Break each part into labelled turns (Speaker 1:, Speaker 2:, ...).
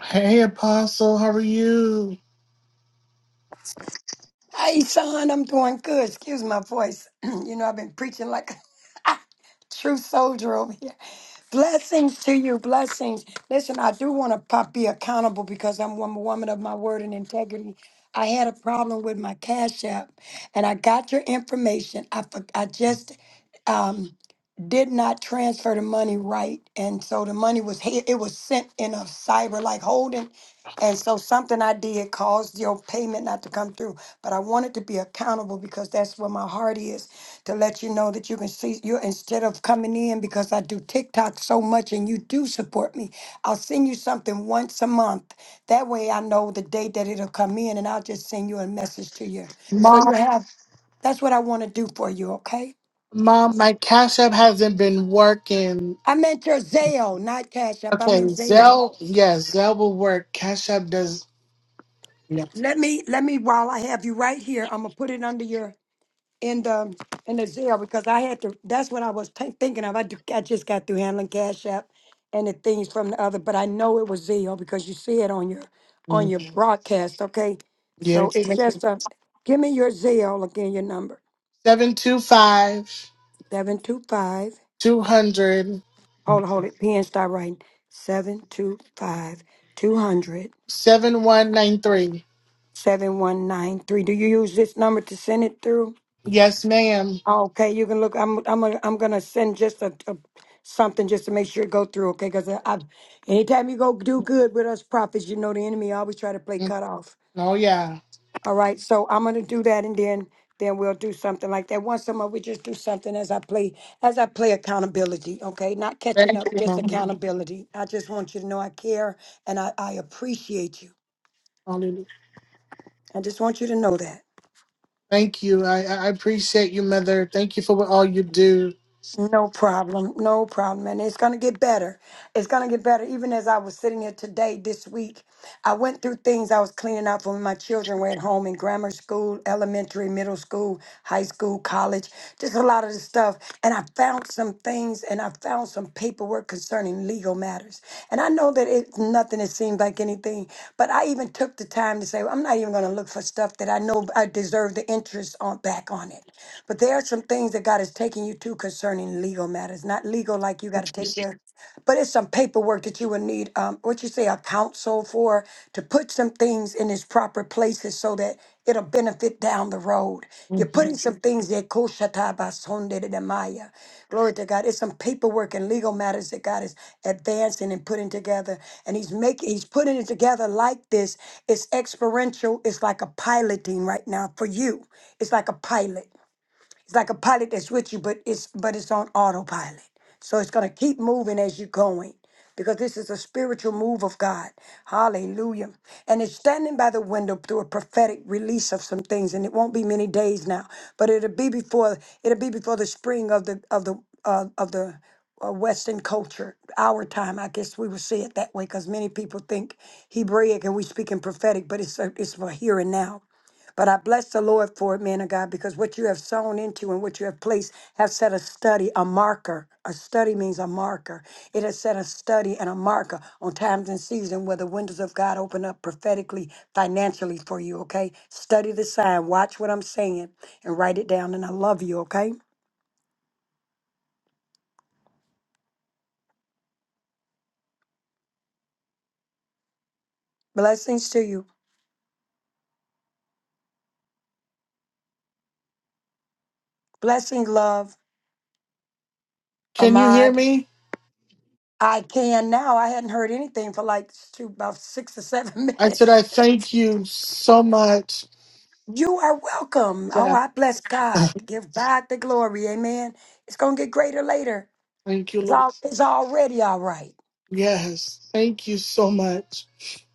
Speaker 1: Hey, Apostle, how are you?
Speaker 2: Hey, Sean, I'm doing good. Excuse my voice. you know, I've been preaching like a true soldier over here. Blessings to you, blessings. Listen, I do want to pop be accountable because I'm a woman of my word and integrity. I had a problem with my Cash App, and I got your information. I for, I just um, did not transfer the money right, and so the money was hid- it was sent in a cyber like holding, and so something I did caused your payment not to come through. But I wanted to be accountable because that's where my heart is to let you know that you can see you instead of coming in because I do TikTok so much and you do support me. I'll send you something once a month. That way I know the date that it'll come in, and I'll just send you a message to you. So
Speaker 1: Mom,
Speaker 2: you have that's what I want to do for you, okay?
Speaker 1: Mom, my Cash App hasn't been working.
Speaker 2: I meant your Zelle, not Cash App. I
Speaker 1: Okay,
Speaker 2: meant Zelle.
Speaker 1: Zell, yes, Zell will work. Cash App does, yeah.
Speaker 2: Let me let me while I have you right here, I'm gonna put it under your in the in the Zelle because I had to. That's what I was t- thinking of. I, do, I just got through handling Cash App and the things from the other, but I know it was Zelle because you see it on your on
Speaker 1: Mm,
Speaker 2: your broadcast. Okay, so
Speaker 1: Yes.
Speaker 2: it's just a. Give me your Zelle again. Your number
Speaker 1: 725
Speaker 2: seven two five.
Speaker 1: 200
Speaker 2: Hold it, hold it. Pen start writing seven two five two hundred.
Speaker 1: 7193.
Speaker 2: 7193. Do you use this number to send it through?
Speaker 1: Yes, ma'am.
Speaker 2: Okay, you can look. I'm I'm gonna- I'm gonna send just a, a something just to make sure it go through. Okay, because I, I anytime you go do good with us prophets, you know the enemy always try to play
Speaker 1: Mm,
Speaker 2: cut off.
Speaker 1: Oh, yeah.
Speaker 2: All right, so I'm gonna do that, and then then we'll do something like that. Once a month, we just do something as I play as I play accountability. Okay, not catching
Speaker 1: Thank
Speaker 2: up,
Speaker 1: you,
Speaker 2: just
Speaker 1: Mom.
Speaker 2: accountability. I just want you to know I care and I, I appreciate you.
Speaker 1: Hallelujah.
Speaker 2: I just want you to know that.
Speaker 1: Thank you. I, I I appreciate you, Mother. Thank you for what all you do.
Speaker 2: No problem. No problem. And it's going to get better. It's going to get better. Even as I was sitting here today, this week, I went through things I was cleaning up when my children were at home in grammar school, elementary, middle school, high school, college, just a lot of the stuff and I found some things and I found some paperwork concerning legal matters. And I know that it's nothing that seems like anything, but I even took the time to say, "Well, I'm not even going to look for stuff that I know I deserve the interest on back on it. But there are some things that God is taking you to concerning legal matters, not legal like you got to take care, but it's some paperwork that you would need, um, what you say, a counsel for to put some things in its proper places so that It'll benefit down the road. You're
Speaker 1: Mhm.
Speaker 2: putting some Mhm. things there, Koshatabasondedemaya. glory to God. It's some paperwork and legal matters that God is advancing and putting together. And He's making He's putting it together like this. It's experiential, it's like a piloting right now for you. It's like a pilot. It's like a pilot that's with you, but it's but it's on autopilot. So it's gonna keep moving as you're going. Because this is a spiritual move of God. Hallelujah. And it's standing by the window through a prophetic release of some things. And it won't be many days now. But it'll be before it'll be before the spring of the of the uh, of the uh, Western culture, our time. I guess we would say it that way because many people think Hebraic and we speak in prophetic, but it's uh, it's for here and now. But I bless the Lord for it, man of God, because what you have sown into and what you have placed have set a study, a marker. A study means a marker. It has set a study and a marker on times and season where the windows of God open up prophetically, financially for you, okay? Study the sign, watch what I'm saying, and write it down. And I love you, okay? Blessings to you. Blessing, love,
Speaker 1: Can you hear
Speaker 2: Ahmad.
Speaker 1: me?
Speaker 2: I can now. I hadn't heard anything for like two, about six or seven
Speaker 1: I said,
Speaker 2: minutes.
Speaker 1: I thank you so much.
Speaker 2: You are welcome. Oh,
Speaker 1: Yeah.
Speaker 2: I bless God. Give God the glory. Amen. It's gonna get greater later.
Speaker 1: Thank you,
Speaker 2: It's
Speaker 1: Lord.
Speaker 2: all it's already all right.
Speaker 1: Yes. Thank you so much.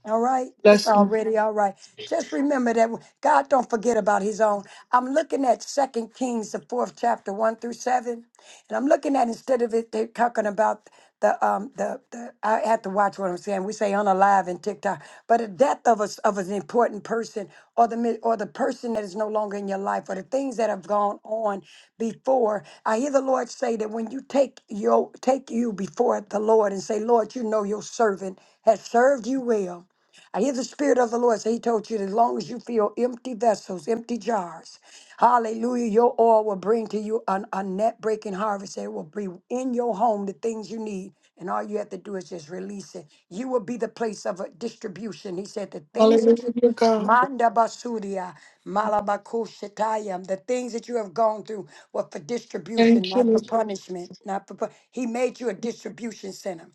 Speaker 2: All right, it's
Speaker 1: Blessings.
Speaker 2: already all right. Just remember that God don't forget about His own. I'm looking at Second Kings, the fourth chapter, one through seven, and I'm looking at instead of it they're talking about the um the, the I have to watch what I'm saying. We say unalive in TikTok, but the death of us of an important person or the mi- or the person that is no longer in your life or the things that have gone on before. I hear the Lord say that when you take your take you before the Lord and say, Lord, you know your servant has served you well. I hear the Spirit of the Lord say, He told you that as long as you feel empty vessels, empty jars, hallelujah, your oil will bring to you an, a net breaking harvest. It will be in your home the things you need. And all you have to do is just release it. You will be the place of a distribution. He said, The things that you.
Speaker 1: Hallelujah, God.
Speaker 2: Manda basuria, malabakushatayam. The things that you have gone through were for distribution,
Speaker 1: Thank you,
Speaker 2: not for
Speaker 1: Lord.
Speaker 2: punishment. Not for. pu- He made you a distribution center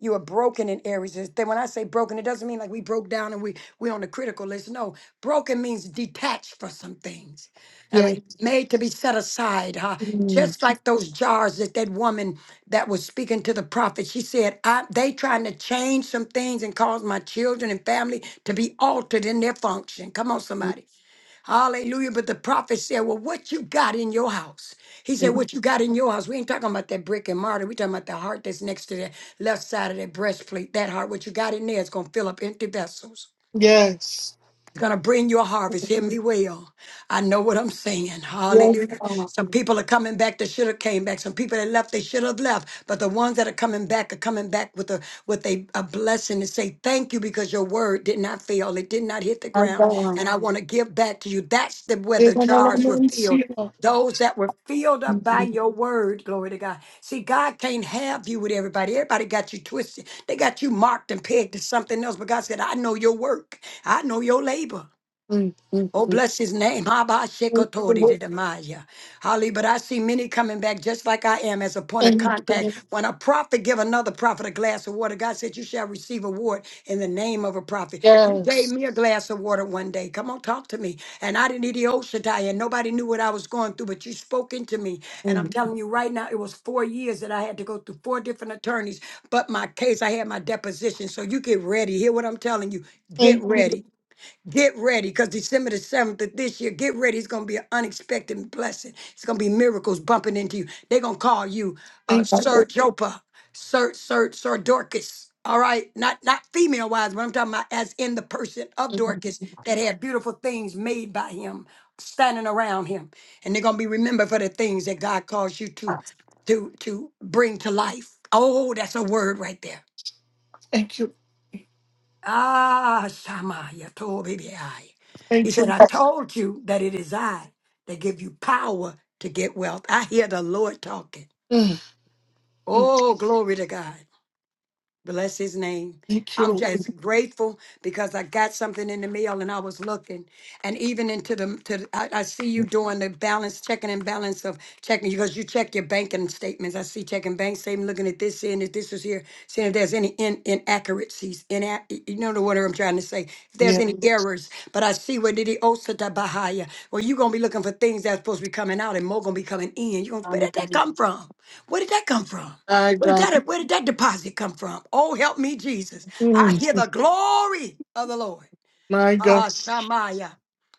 Speaker 2: you are broken in areas. It's- Then when I say broken, it doesn't mean like we broke down and we we on the critical list. No, broken means detached for some things. I
Speaker 1: Yes.
Speaker 2: mean, made to be set aside, huh?
Speaker 1: Mm.
Speaker 2: Just like those jars that that woman that was speaking to the prophet, she said, I, "They trying to change some things and cause my children and family to be altered in their function." Come on, somebody. Hallelujah. But the prophet said, Well, what you got in your house? He said, What you got in your house? We ain't talking about that brick and mortar. we talking about the heart that's next to the left side of that breastplate. That heart, what you got in there is going to fill up empty vessels.
Speaker 1: Yes.
Speaker 2: It's going to bring you a harvest. Hear me well. I know what I'm saying.
Speaker 1: Yes,
Speaker 2: Hallelujah.
Speaker 1: God.
Speaker 2: Some people are coming back that should have came back. Some people that left they should have left. But the ones that are coming back are coming back with a with a, a blessing to say thank you because your word did not fail. It did not hit the
Speaker 1: My
Speaker 2: ground.
Speaker 1: God.
Speaker 2: And I want to give back to you. That's the where the
Speaker 1: There's an
Speaker 2: jars were
Speaker 1: element here.
Speaker 2: filled. Those that were filled up by
Speaker 1: Mm,
Speaker 2: your word, glory to God. See, God can't have you with everybody. Everybody got you twisted. They got you marked and pegged to something else. But God said, I know your work. I know your labor.
Speaker 1: mm, mm,
Speaker 2: Oh,
Speaker 1: mm.
Speaker 2: bless his name. Haba
Speaker 1: Thank you,
Speaker 2: Shekotori
Speaker 1: Lord.
Speaker 2: de Demaya. Holly, but I see many coming back just like I am as a point
Speaker 1: Thank
Speaker 2: of
Speaker 1: you,
Speaker 2: contact.
Speaker 1: Lord.
Speaker 2: When a prophet give another prophet a glass of water, God said, You shall receive a reward in the name of a prophet. You gave
Speaker 1: Yes.
Speaker 2: me a glass of water one day. Come on, talk to me. And I didn't eat the Oshatai, and nobody knew what I was going through, but you spoke into me. And I'm
Speaker 1: Mm.
Speaker 2: telling you right now, it was four years that I had to go through four different attorneys. But my case, I had my deposition. So you get ready. Hear what I'm telling you. Get
Speaker 1: Thank you.
Speaker 2: ready. Get ready, because December the 7th of this year, get ready. It's going to be an unexpected blessing. It's going to be miracles bumping into you. They're going to call you uh,
Speaker 1: Thank
Speaker 2: Sir
Speaker 1: you.
Speaker 2: Jopa, Sir, Sir, Sir Dorcas. All right, not not female wise, but I'm talking about as in the person of Dorcas that had beautiful things made by him, standing around him, and they're gonna be remembered for the things that God calls you to, to to bring to life. Oh, that's a word right there
Speaker 1: Thank you.
Speaker 2: Ah, Shama, Yatoribiai. He
Speaker 1: Thank
Speaker 2: said,
Speaker 1: you.
Speaker 2: I told you that it is I that give you power to get wealth. I hear the Lord talking.
Speaker 1: Mm.
Speaker 2: Oh, glory to God. Bless his name.
Speaker 1: Thank you,
Speaker 2: I'm
Speaker 1: Lord.
Speaker 2: just grateful because I got something in the mail and I was looking. And even into the, to, the- I, I see you doing the balance, checking and balance of checking, because you check your banking statements. I see checking bank statement, looking at this, seeing if this is here, seeing if there's any in, inaccuracies, ina- you know the word I'm trying to say, if there's
Speaker 1: Yes.
Speaker 2: any Mhm. errors. But I see where did he osata bahaya, well, you're going to be looking for things that's supposed to be coming out and more going to be coming in. You're going to, where
Speaker 1: Hallelujah.
Speaker 2: did that come from? Where did that come from?
Speaker 1: My
Speaker 2: Where did
Speaker 1: God.
Speaker 2: that, where did that deposit come from? Oh, help me, Jesus. I
Speaker 1: Mm.
Speaker 2: hear the glory of the Lord.
Speaker 1: My God.
Speaker 2: Ah, Shamaya.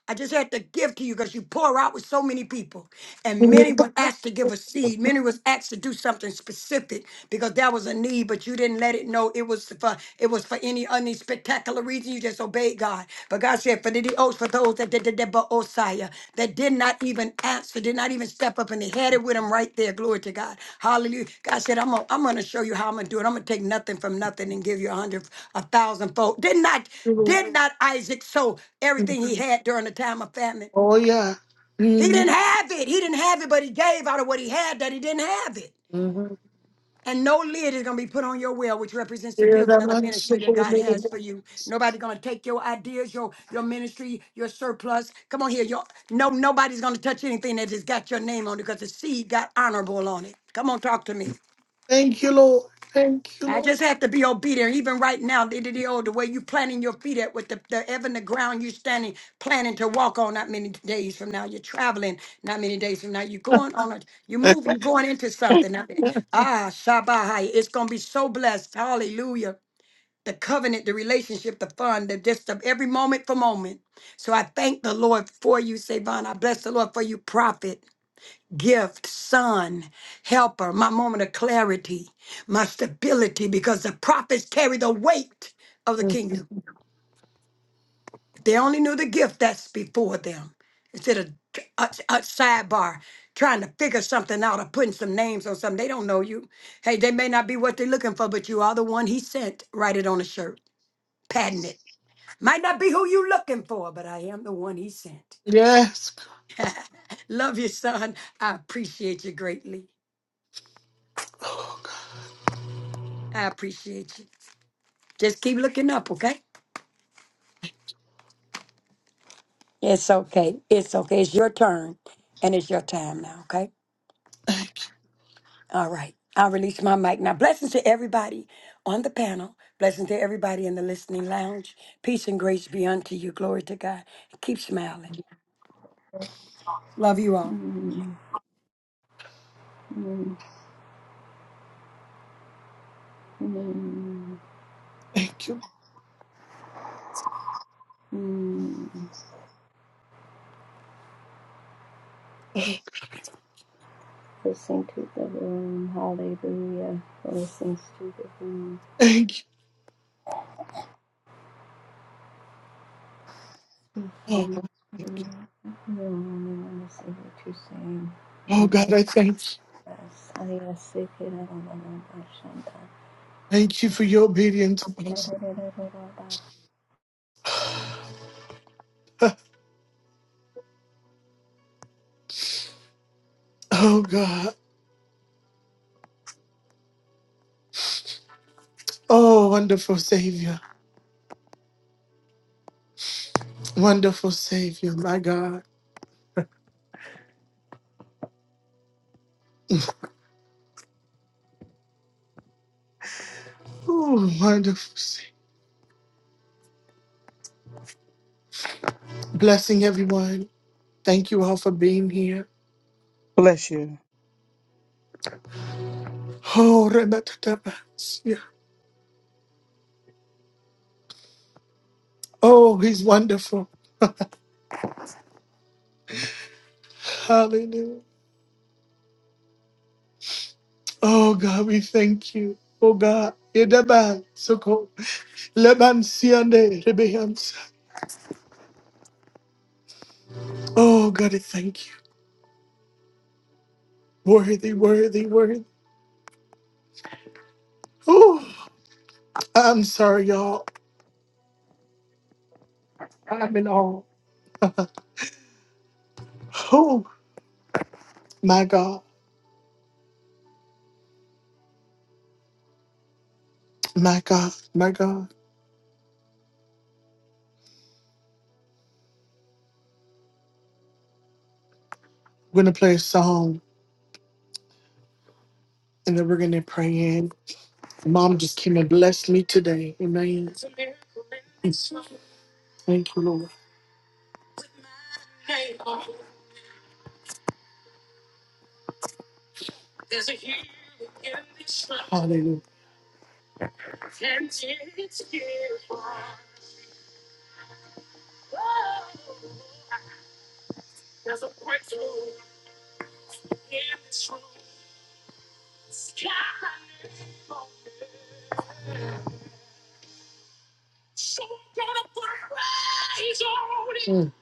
Speaker 2: I just had to give to you because you pour out with so many people. And
Speaker 1: Thank
Speaker 2: many
Speaker 1: you,
Speaker 2: were asked to give a seed. Many was asked to do something specific because there was a need, but you didn't let it know it was for it was for any any spectacular reason. You just obeyed God. But God said, for the oath, for those that did the uh, Osiah that did not even answer, did not even step up, and they had it with him right there. Glory to God. Hallelujah. God said, I'm gonna, I'm gonna show you how I'm gonna do it. I'm gonna take nothing from nothing and give you a hundred, a thousand fold. Did not, did
Speaker 1: Lord.
Speaker 2: not Isaac sow everything he had during the time of famine?
Speaker 1: Oh yeah.
Speaker 2: He didn't
Speaker 1: Mhm.
Speaker 2: have it. He didn't have it, but he gave out of what he had that he didn't have it.
Speaker 1: Mhm.
Speaker 2: And no lid is going to be put on your well, which represents the
Speaker 1: Yeah,
Speaker 2: building
Speaker 1: that
Speaker 2: of the
Speaker 1: man's
Speaker 2: ministry that
Speaker 1: supposed
Speaker 2: God has for
Speaker 1: to-
Speaker 2: you. Nobody's going to take your ideas, your your ministry, your surplus. Come on here, your no. Nobody's going to touch anything that has got your name on it because the seed got honorable on it. Come on, talk to me.
Speaker 1: Thank you, Lord. Thank you,
Speaker 2: I
Speaker 1: Lord.
Speaker 2: just have to be obedient. Even right now, the, the, the, oh, the way you planting your feet at with the, the even the ground you're standing, planning to walk on not many days from now. You're traveling not many days from now. You're going on a you move, you're going into something. Ah, Shabbat. It's gonna be so blessed. Hallelujah. The covenant, the relationship, the fun, the just of every moment for moment. So I thank the Lord for you, Savon. I bless the Lord for you, prophet gift, son, helper, my moment of clarity, my stability, because the prophets carry the weight of the kingdom. If They only knew the gift that's before them. Instead of a, a sidebar, trying to figure something out or putting some names on something. They don't know you. Hey, they may not be what they're looking for, but you are the one he sent. Write it on a shirt, patent it. Might not be who you looking for, but I am the one he sent.
Speaker 1: Yes.
Speaker 2: Love you, son. I appreciate you greatly. I appreciate you. Just keep looking up, okay? It's okay. It's okay. It's your turn and it's your time now, okay?
Speaker 1: Thank you.
Speaker 2: All right. I'll release my mic. Now, blessings to everybody on the panel. Blessings to everybody in the listening lounge. Peace and grace be unto you. Glory to God. Keep smiling. Love you all.
Speaker 3: Mm, mm, mm,
Speaker 1: Thank you.
Speaker 3: mm. Blessing to the room, hallelujah. Blessings to the room.
Speaker 1: Thank you.
Speaker 3: Sweet
Speaker 1: Oh,
Speaker 3: home,
Speaker 1: God, thank you.
Speaker 3: we only want to see what you're saying.
Speaker 1: Oh,
Speaker 3: Nothing
Speaker 1: God, I thank you.
Speaker 3: else.
Speaker 1: Thank you for your obedience, Apostle.
Speaker 3: Hallelujah.
Speaker 1: Oh God. Oh, wonderful Savior. Wonderful Savior, my God. Oh, wonderful Savior. Blessing everyone. Thank you all for being here.
Speaker 4: Bless you.
Speaker 1: Oh, Rematatabas. Oh, he's wonderful. Hallelujah. Oh God, we thank you. Oh God. Yedaban, soko, leban siande, rebehansa. Oh God, I thank you. Worthy, worthy, worthy. Oh, I'm sorry, y'all. I'm in awe. Oh my God, my God, my God. We're gonna play a song and then we're gonna pray in. Mom just came and blessed me today. Amen. Thank you, Lord. Hallelujah. Mm,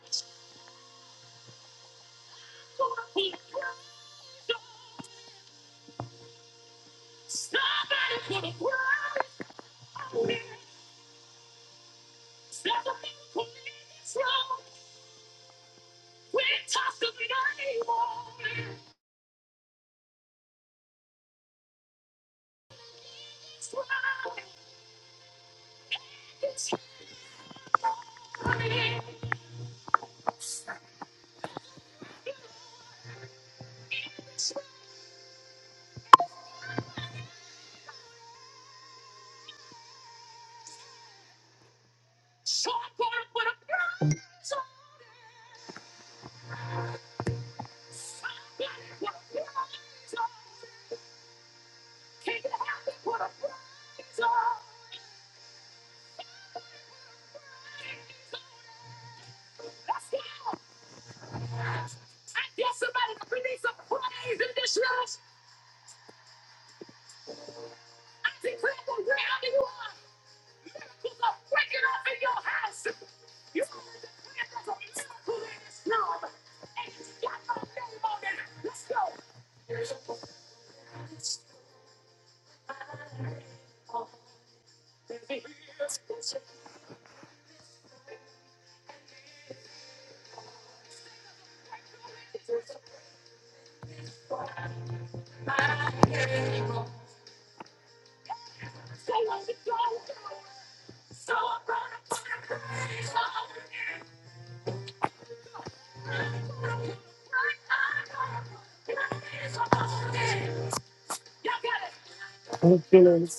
Speaker 1: Thank you, Lord.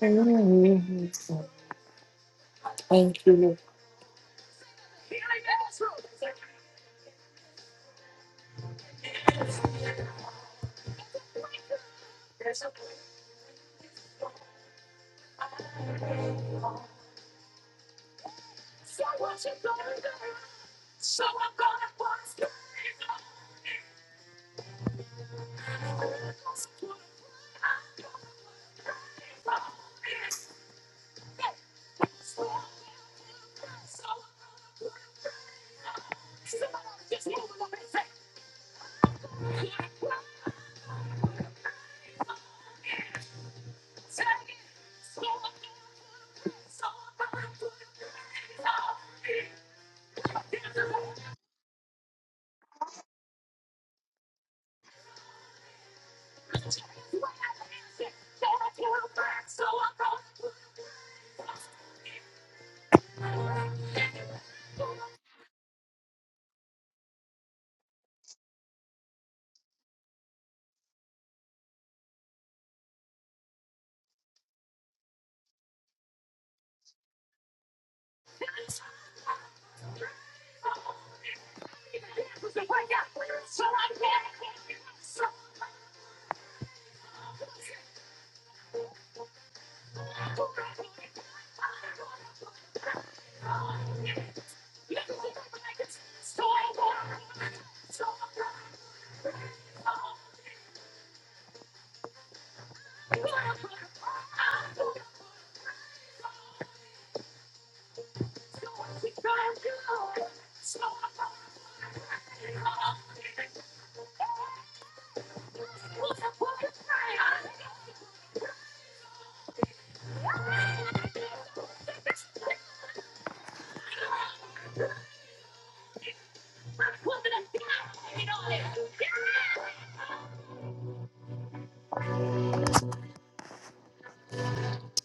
Speaker 1: Mm, Thank you, Lord.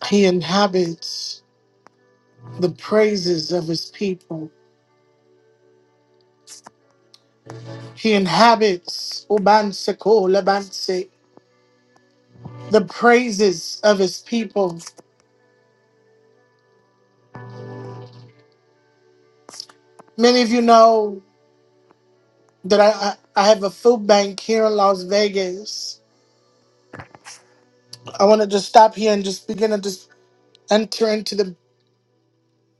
Speaker 1: He inhabits the praises of his people. He inhabits Ubanse ko labanse, the praises of his people. Many of you know that I, I, I have a food bank here in Las Vegas. I want to just stop here and just begin to just enter into the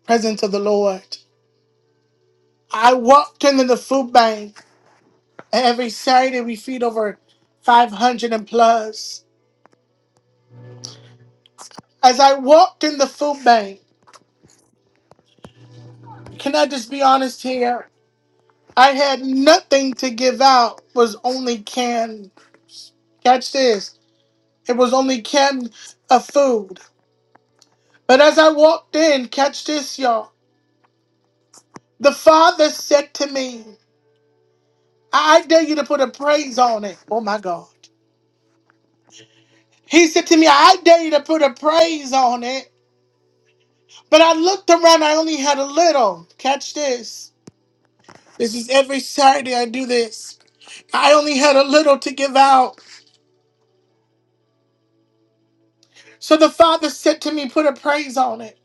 Speaker 1: presence of the Lord. I walked into the food bank Every Saturday, we feed over 500 and plus. As I walked in the food bank, can I just be honest here? I had nothing to give out, was only canned. Catch this. It was only canned of food. But as I walked in, catch this, y'all. The father said to me, I I dare you to put a praise on it. Oh my God. He said to me, I dare you to put a praise on it. But I looked around, I only had a little. Catch this. This is every Saturday I do this. I only had a little to give out. So the Father said to me, Put a praise on it.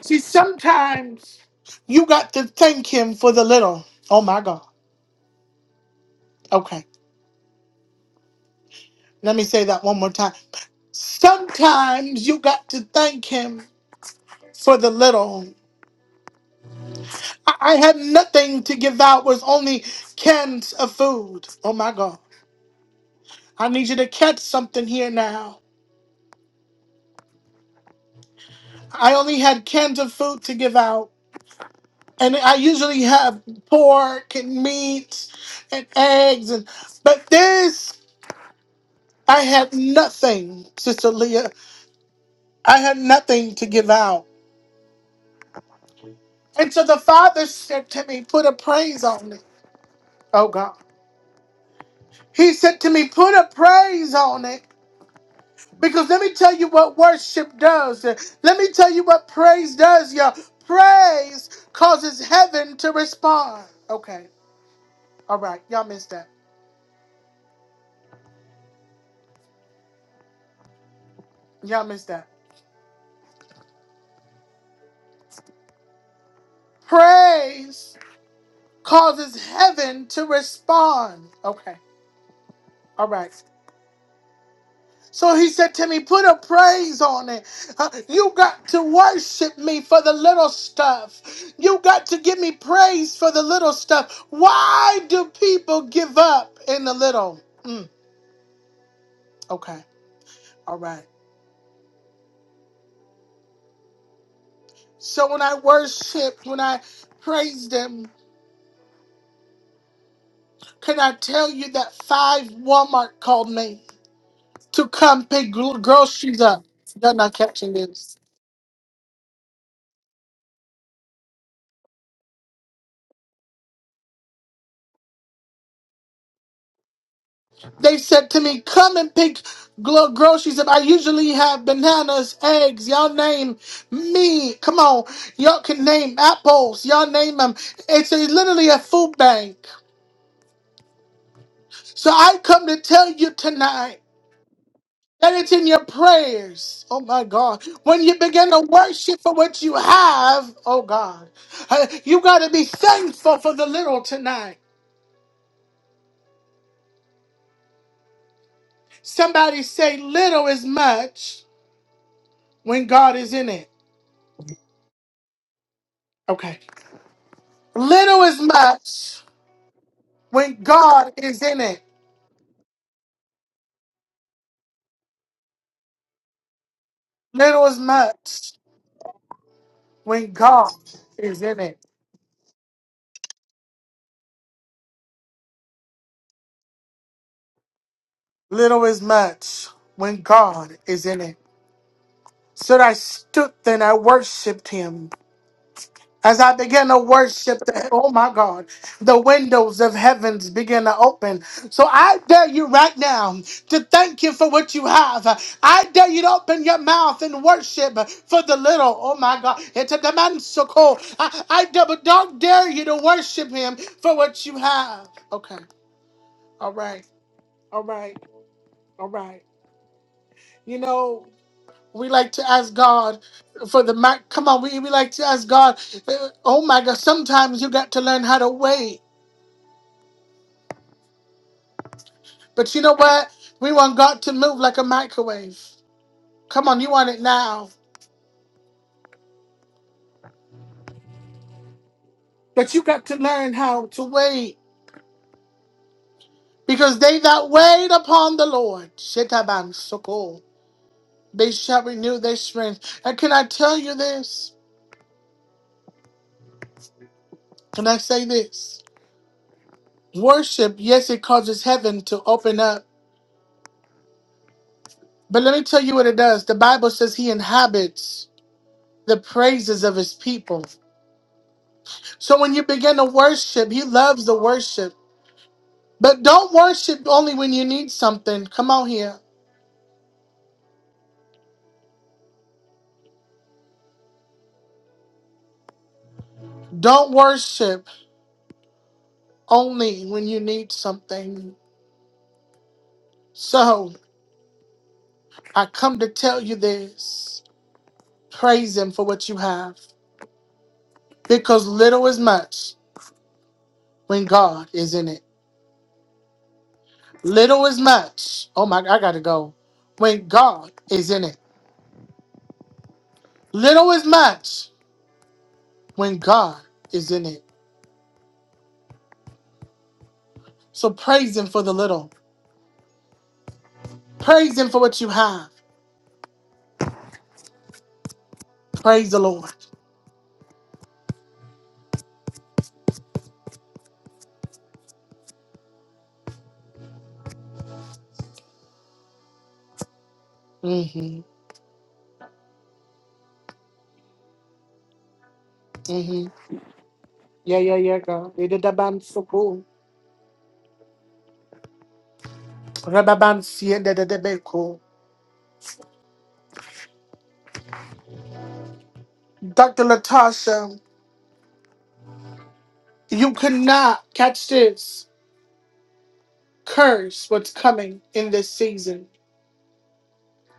Speaker 1: See, sometimes you got to thank Him for the little. Oh my God. Okay. Let me say that one more time. Sometimes you got to thank Him for the little. I I had nothing to give out, was only cans of food. Oh my God. I need you to catch something here now. I only had cans of food to give out. and I usually have pork and meat and eggs and but this I had nothing, Sister Leah. I had nothing to give out. And so the father said to me, put a praise on it. Oh God. He said to me, put a praise on it. Because let me tell you what worship does. Let me tell you what praise does, y'all. Praise causes heaven to respond. Okay. All right. Y'all missed that. Y'all missed that. Praise causes heaven to respond. Okay, all right. So he said to me, put a praise on it. Uh, You got to worship me for the little stuff. You got to give me praise for the little stuff. Why do people give up in the little? Mm, okay, all right. So when I worshiped, when I praised him, can I tell you that five Walmart called me to come pick gro- groceries up? You're not catching this. They said to me, "Come and pick glo- groceries up. I usually have bananas, eggs. Y'all name me. Come on, y'all can name apples. Y'all name them. It's a, literally a food bank. So I come to tell you tonight." That it's in your prayers. Oh my God. When you begin to worship for what you have, oh God, uh, you got to be thankful for the little tonight. Somebody say, little is much when God is in it. Okay. Little is much when God is in it. Little is much when God is in it. Little is much when God is in it. So I stood then I worshiped him. As I began to worship, the, oh my God, the windows of heavens began to open. So I dare you right now to thank Him for what you have. I dare you to open your mouth and worship for the little. Oh my God, it's a demand so cold. I, I dare, but don't dare you to worship Him for what you have. Okay, all right, all right, all right. You know. We like to ask God for the mic. Come on, we, we like to ask God. uh, Oh my God, sometimes you got to learn how to wait. But you know what? We want God to move like a microwave. Come on, you want it now. But you got to learn how to wait. Because they that wait upon the Lord, Shetaban Sokol, they shall renew their strength. And can I tell you this? Can I say this? Worship, yes, it causes heaven to open up. But let me tell you what it does. The Bible says he inhabits. the praises of his people. So when you begin to worship, he loves the worship. But don't worship only when you need something. Come on here. Don't worship only when you need something. So I come to tell you this praise him for what you have because little is much when God is in it. Little is much. Oh my, I gotta go. When God is in it. Little is much when God is in it. So praise him for the little. Praise Him for what you have. Praise the Lord. Mm-hmm. Mm-hmm. Yeah, yeah, yeah, God. You did that band so cool. Rababan sien de de de be cool. Dr. Latasha, you could not catch this. Curse what's coming in this season.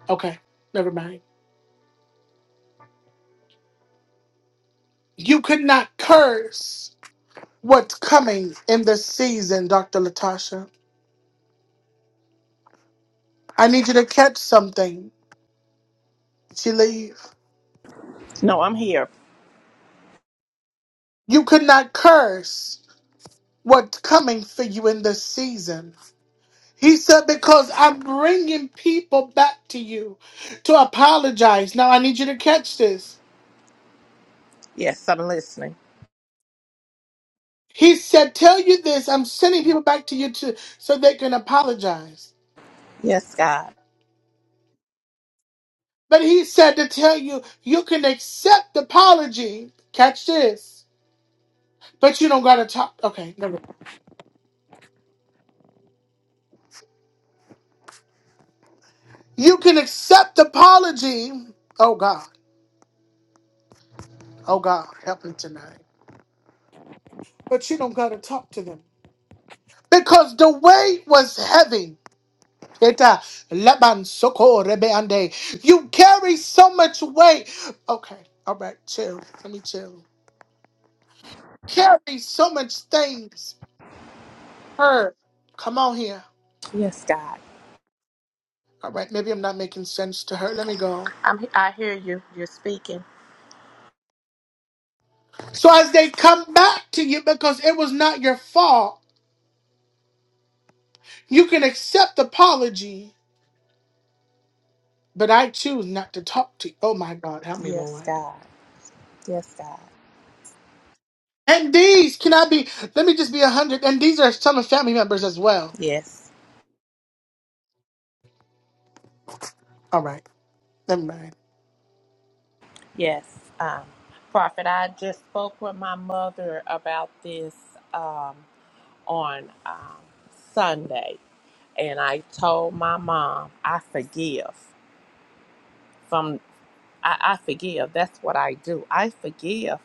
Speaker 1: Okay, never mind. You could not curse what's coming in this season, Dr. Latasha. I need you to catch something. She leave.
Speaker 5: No, I'm here.
Speaker 1: You could not curse what's coming for you in this season. He said, Because I'm bringing people back to you to apologize. Now, I need you to catch this.
Speaker 5: Yes, I'm listening.
Speaker 1: He said, Tell you this, I'm sending people back to you to, so they can apologize.
Speaker 5: Yes, God.
Speaker 1: But he said to tell you, you can accept apology. Catch this. But you don't got to talk. Okay, never mind. You can accept apology. Oh, God. Oh, God. Help me tonight. But you don't got to talk to them. Because the weight was heavy. Eta leban soko rebeande. You carry so much weight. Okay, all right, chill. Let me chill. Carry so much things. Her, come on here.
Speaker 5: Yes, God.
Speaker 1: All right, maybe I'm not making sense to her. Let me go.
Speaker 5: I'm I hear you. You're speaking.
Speaker 1: So as they come back to you because it was not your fault, you can accept apology, but I choose not to talk to you. Oh my God, help me,
Speaker 5: Yes,
Speaker 1: Lord.
Speaker 5: God. Yes, God.
Speaker 1: And these cannot be? Let me just be a hundred. And these are some of family members as well.
Speaker 5: Yes.
Speaker 1: All right, never mind.
Speaker 5: Yes. Um, Prophet, I just spoke with my mother about this um, on um, Sunday, and I told my mom I forgive from I, I forgive. That's what I do. I forgive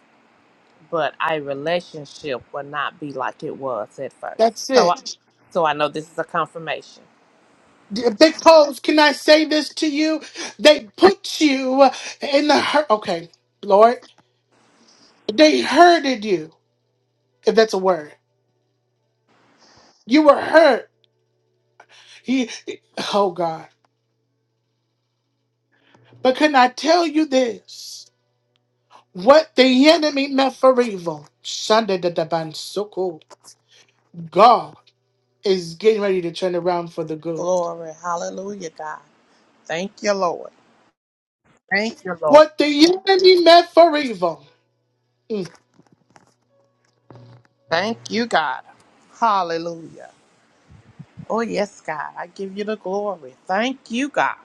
Speaker 5: but our relationship will not be like it was at first.
Speaker 1: That's
Speaker 5: So
Speaker 1: it.
Speaker 5: I, so I know this is a confirmation.
Speaker 1: Big Pose, can I say this to you? They put you in the hurt. Okay, Lord, they hurted you, if that's a word. You were hurt. He, oh, God. But can I tell you this? What the enemy meant for evil, Sunday the Daban Soko, God is getting ready to turn around for the good.
Speaker 5: Glory. Hallelujah, God. Thank you, Lord. Thank you, Lord.
Speaker 1: What the enemy meant for evil. mm,
Speaker 5: Thank you, God. Hallelujah. Oh, yes, God. I give you the glory. Thank you, God.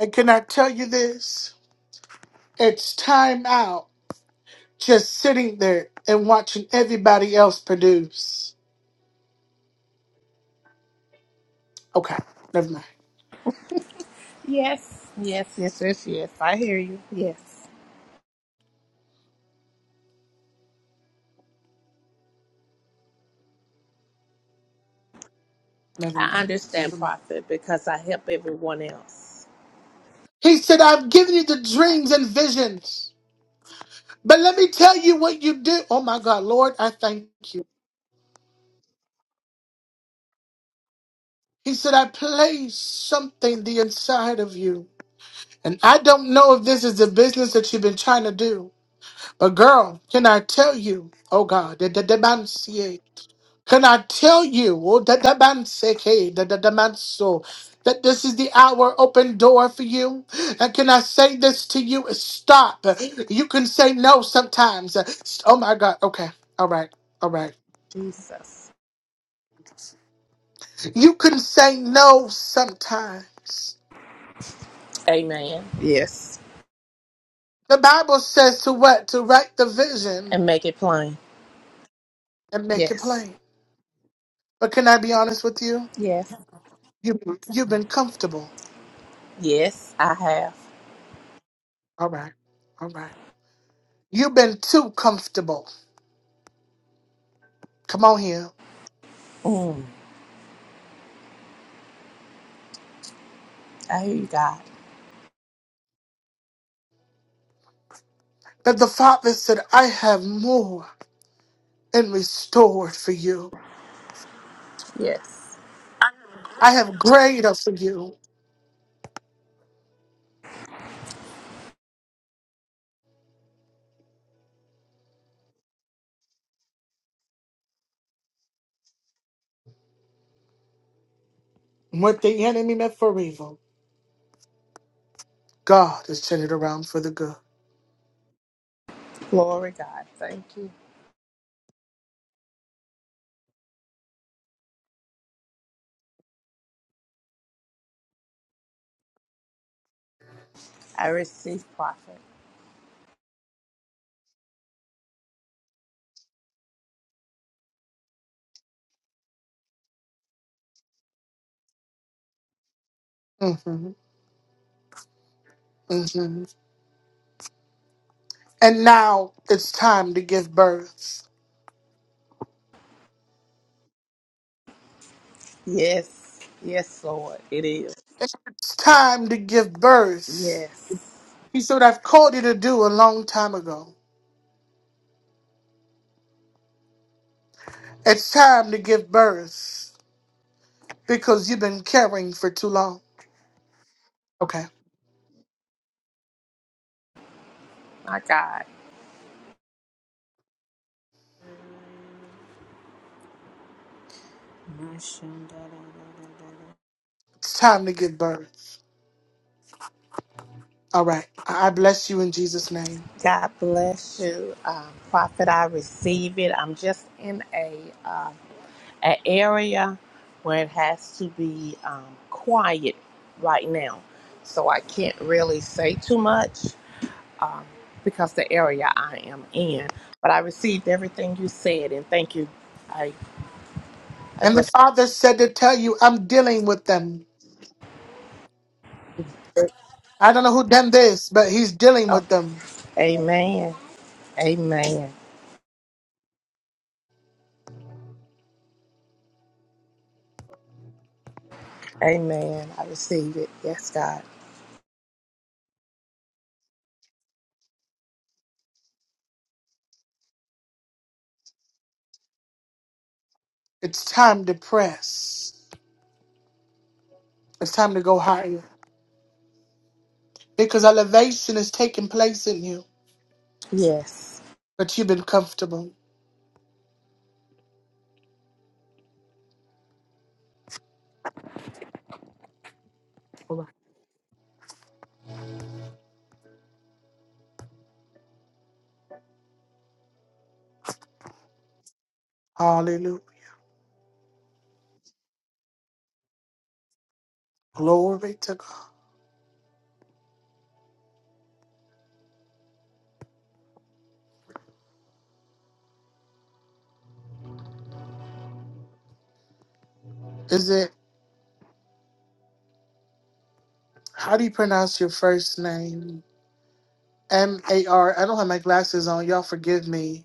Speaker 1: And can I tell you this? It's time out just sitting there and watching everybody else produce. Okay, never mind,
Speaker 5: Yes, yes, yes, yes, yes. I hear you. Yes.
Speaker 1: never mind,
Speaker 5: I understand,
Speaker 1: never mind.
Speaker 5: Prophet, because I help everyone else.
Speaker 1: He said, I've given you the dreams and visions, but let me tell you what you do. Oh my God, Lord, I thank you. He said, I place something the inside of you. And I don't know if this is the business that you've been trying to do. But girl, can I tell you, oh God, that the man see Can I tell you, oh that the man say, hey, that the man so that this is the hour open door for you? And can I say this to you? Stop. You can say no sometimes. Oh my God. Okay. All right. All right.
Speaker 5: Jesus.
Speaker 1: You can say no sometimes.
Speaker 5: Amen. Yes.
Speaker 1: The Bible says to what? To write the vision
Speaker 5: And make it plain.
Speaker 1: and make it
Speaker 5: Yes.
Speaker 1: plain. But can I be honest with you?
Speaker 5: Yes.
Speaker 1: You you've been comfortable.
Speaker 5: Yes, I have.
Speaker 1: All right. All right. You've been too comfortable. Come on here.
Speaker 5: Mm, I hear you, God.
Speaker 1: But the Father said, I have more and restored for you.
Speaker 5: Yes.
Speaker 1: I have greater for you. What the enemy meant for evil, God has turned it around for the good.
Speaker 5: Glory, God. Thank you. I receive profit.
Speaker 1: hmm hmm And now it's time to give birth.
Speaker 5: Yes. Yes, Lord. It is.
Speaker 1: It's time to give birth.
Speaker 5: Yes.
Speaker 1: He said, I've called you to do a long time ago. It's time to give birth because you've been caring for too long. Okay.
Speaker 5: My God.
Speaker 6: Mashandara
Speaker 1: It's time to give birth. All right. I I bless you in Jesus' name.
Speaker 5: God bless you. Um, prophet, I receive it. I'm just in a uh, an area where it has to be um, quiet right now. So I can't really say too much. because the area I am in. But I received everything you said, and thank you. I, I
Speaker 1: And the
Speaker 5: bless
Speaker 1: Father said to tell you, I'm dealing with them.
Speaker 5: you.
Speaker 1: I don't know who done this, but He's dealing
Speaker 5: Okay.
Speaker 1: with them.
Speaker 5: Amen. Amen. Amen. I receive it. Yes, God.
Speaker 1: It's time to press. It's time to go higher because elevation is taking place in you,
Speaker 5: Yes.
Speaker 1: but you've been comfortable. Hallelujah. Glory to God. Is it, how do you pronounce your first name? M A R. I don't have my glasses on. Y'all forgive me.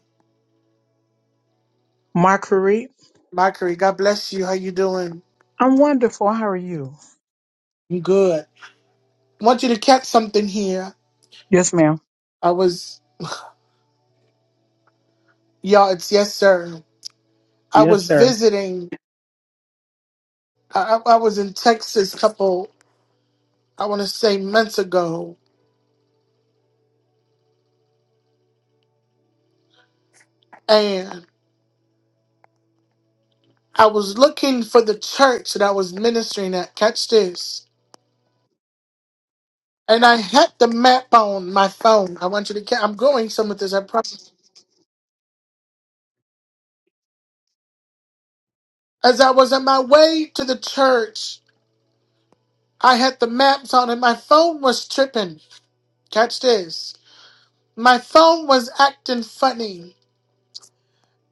Speaker 4: Marguerite,
Speaker 1: Mockery. God bless you. How you doing?
Speaker 4: I'm wonderful. How are you?
Speaker 1: I'm good. I want you to catch something here.
Speaker 4: Yes, ma'am.
Speaker 1: I was, y'all, it's yes, sir. I
Speaker 4: Yes,
Speaker 1: was
Speaker 4: sir.
Speaker 1: visiting, I, I I was in Texas a couple, I want to say months ago, and I was looking for the church that I was ministering at. Catch this. And I had the map on my phone. I want you to catch, I'm going some with this, I promise. As I was on my way to the church, I had the maps on and my phone was tripping. Catch this. My phone was acting funny.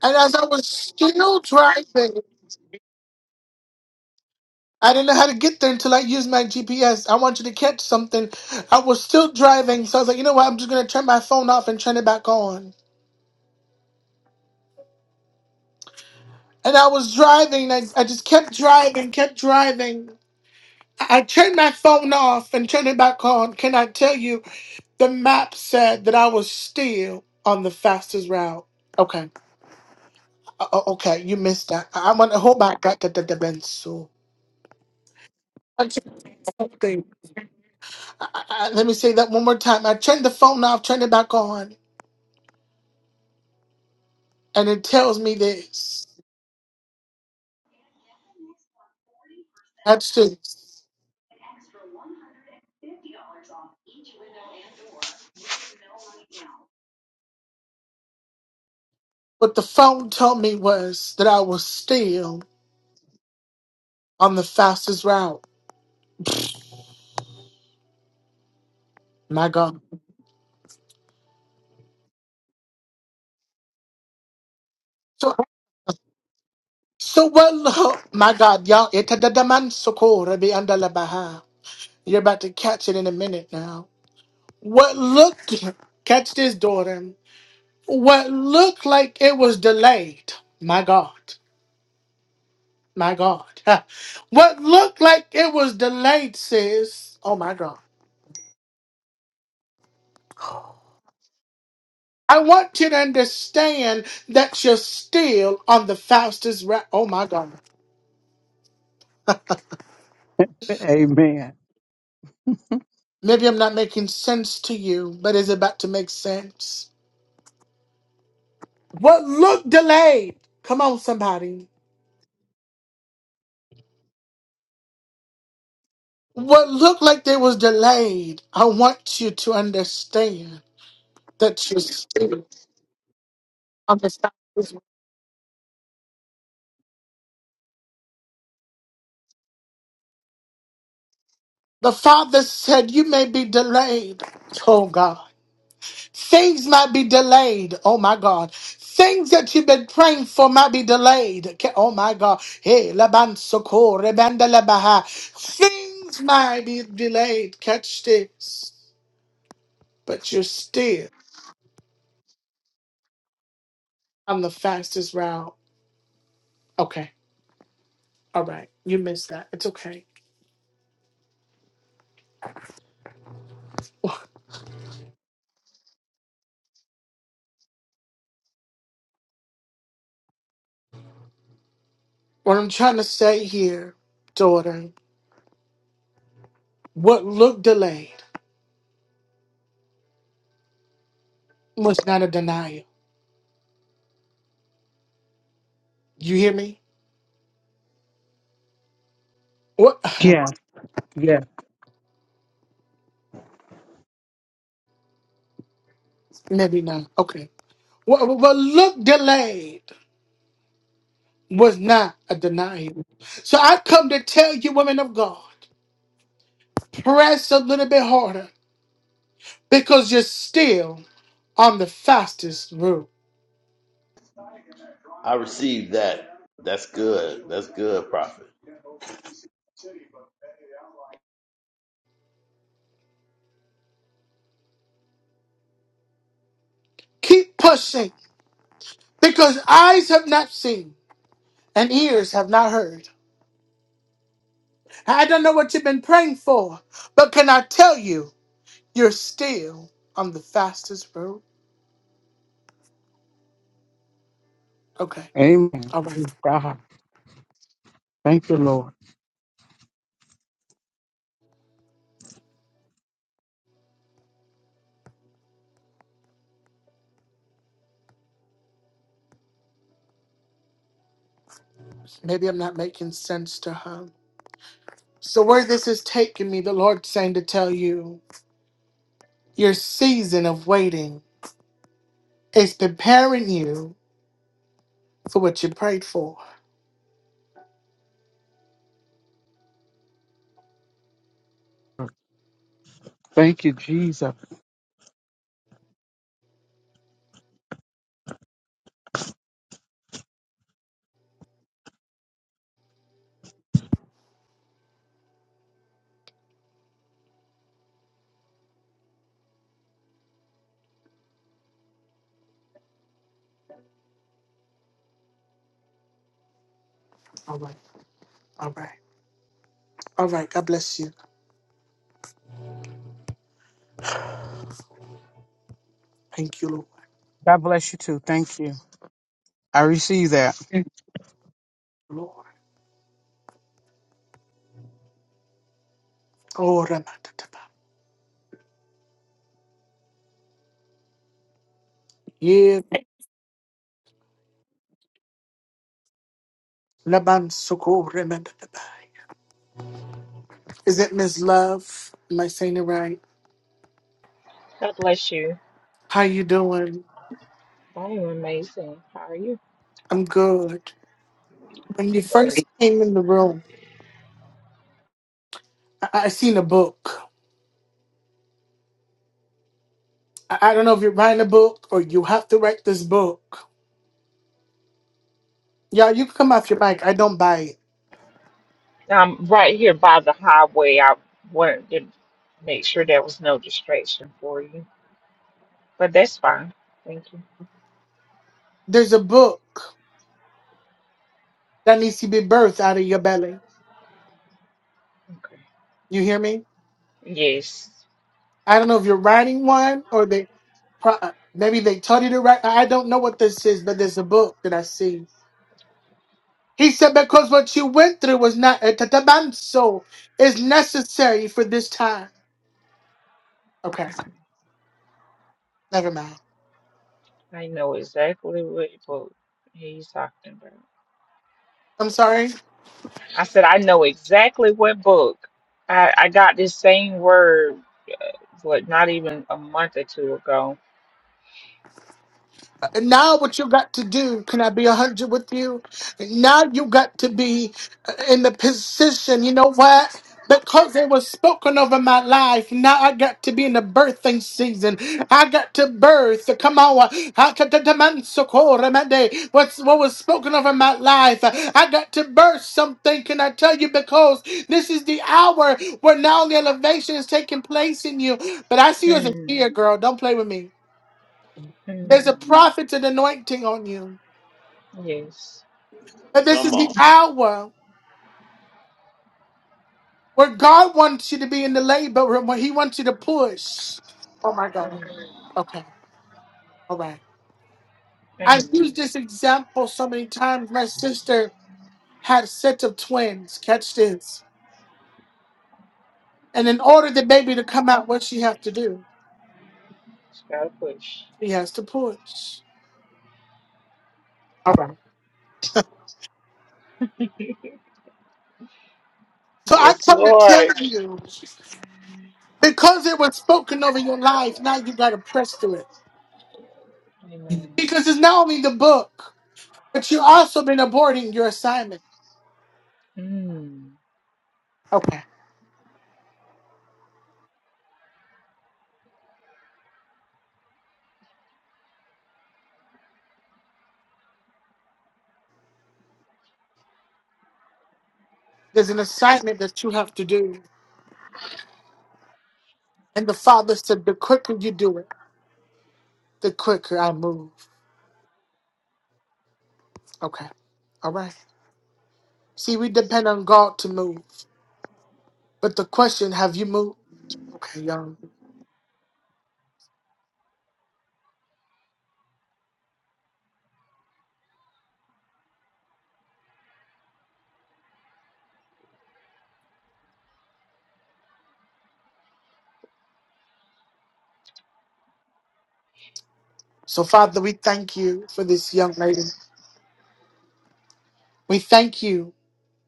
Speaker 1: And as I was still driving, I didn't know how to get there until I used my GPS. I wanted to catch something. I was still driving, so I was like, you know what? I'm just going to turn my phone off and turn it back on. And I was driving, and I, I just kept driving, kept driving. I I turned my phone off and turned it back on. Can I tell you? The map said that I was still on the fastest route. Okay. Uh, uh, okay, you missed that. I, I want to hold back. Got the benzo. I, I, let me say that one more time. I turned the phone off, turned it back on, and it tells me this. That's it. What the phone told me was that I was still on the fastest route. My God. So, so what? lo- My God, y'all. itadadaman sokora be andalabaha. You're about to catch it in a minute now. What looked, catch this, daughter. What looked like it was delayed. My God. My God. What looked like it was delayed, sis. Oh, my God. I want you to understand that you're still on the fastest route. Oh, my God.
Speaker 4: Amen.
Speaker 1: Maybe I'm not making sense to you, but it's about to make sense. What looked delayed. Come on, somebody. What looked like they was delayed. I want you to understand that you're still. The Father said, You may be delayed. Oh, God. Things might be delayed. Oh my God. Things that you've been praying for might be delayed. Ke- Oh my God. Hey, Laban Soko, Rebanda Labaha. Things might be delayed. Catch this. But you're still on the fastest route. Okay. All right. You missed that. It's okay. What I'm trying to say here, daughter, what looked delayed was not a denial. You hear me? What?
Speaker 4: Yeah, yeah.
Speaker 1: Maybe not. Okay. What, what looked delayed? was not a denial. So I come to tell you, women of God, press a little bit harder because you're still on the fastest route.
Speaker 7: I received that. That's good. That's good, prophet.
Speaker 1: Keep pushing because eyes have not seen and ears have not heard. I don't know what you've been praying for, but can I tell you, you're still on the fastest route? Okay,
Speaker 4: Amen.
Speaker 1: all right.
Speaker 4: Praise God. Thank you, Lord.
Speaker 1: Maybe I'm not making sense to her. So, where this is taking me, the Lord's saying to tell you, your season of waiting It's preparing you for what you prayed for.
Speaker 4: Thank you, Jesus.
Speaker 1: All right, all right, all right. God bless you. Thank you, Lord.
Speaker 4: God bless you too. Thank you. I receive that.
Speaker 1: Lord. Oh, Ramadadaba. Yeah. Laban Soko Ramadadaba. Is it Miss Love? Am I saying it right?
Speaker 8: God bless you.
Speaker 1: How you doing?
Speaker 8: I am amazing. How are you?
Speaker 1: I'm good. When you first
Speaker 8: Great.
Speaker 1: came in the room, I, I seen a book. I, I don't know if you're writing a book or you have to write this book. Y'all, you can come off your mic. I don't buy it.
Speaker 8: I'm right here by the highway. I wanted to make sure there was no distraction for you, but that's fine. Thank you.
Speaker 1: There's a book that needs to be birthed out of your belly.
Speaker 8: Okay.
Speaker 1: You hear me?
Speaker 8: Yes.
Speaker 1: I don't know if you're writing one or they pro- maybe they told you to write. I don't know what this is, but there's a book that I see. He said, because what you went through was not a tatabanso is necessary for this time. Okay,
Speaker 8: Okay.
Speaker 1: never mind.
Speaker 8: I know exactly what book he's talking about.
Speaker 1: I'm sorry.
Speaker 8: I said I know exactly what book. I, I got this same word, What? not even a month or two ago.
Speaker 1: Now, what you got to do, can I be 100 with you? Now, you got to be uh, in the position, you know what? Because it was spoken over my life, now I got to be in the birthing season. I got to birth. Come on. What's, what was spoken over my life? I got to birth something. Can I tell you? Because this is the hour where now the elevation is taking place in you. But I see you as a
Speaker 8: Hmm.
Speaker 1: fear, girl. Don't play with me. There's a
Speaker 8: Hmm.
Speaker 1: prophet's and anointing on you.
Speaker 8: Yes.
Speaker 1: But this
Speaker 7: Come
Speaker 1: is the
Speaker 7: on.
Speaker 1: hour where God wants you to be in the labor room, where He wants you to push.
Speaker 8: Hmm.
Speaker 1: I've
Speaker 8: Amen.
Speaker 1: used this example so many times. My sister had sets of twins. Catch this. And in order the baby to come out, what she have to do?
Speaker 8: Just gotta push.
Speaker 1: She has to push. So I
Speaker 8: Yes,
Speaker 1: come to tell
Speaker 8: Lord.
Speaker 1: you, because it was spoken over your life, now you gotta press through it.
Speaker 8: Amen.
Speaker 1: Because it's not only the book, but you also been aborting your assignment.
Speaker 8: Mm.
Speaker 1: Okay. There's an assignment that you have to do. And the Father said, the quicker you do it, the quicker I move. Okay. All right. See, we depend on God to move. But the question, have you moved? Okay, young. So, Father, we thank you for this young lady. We thank you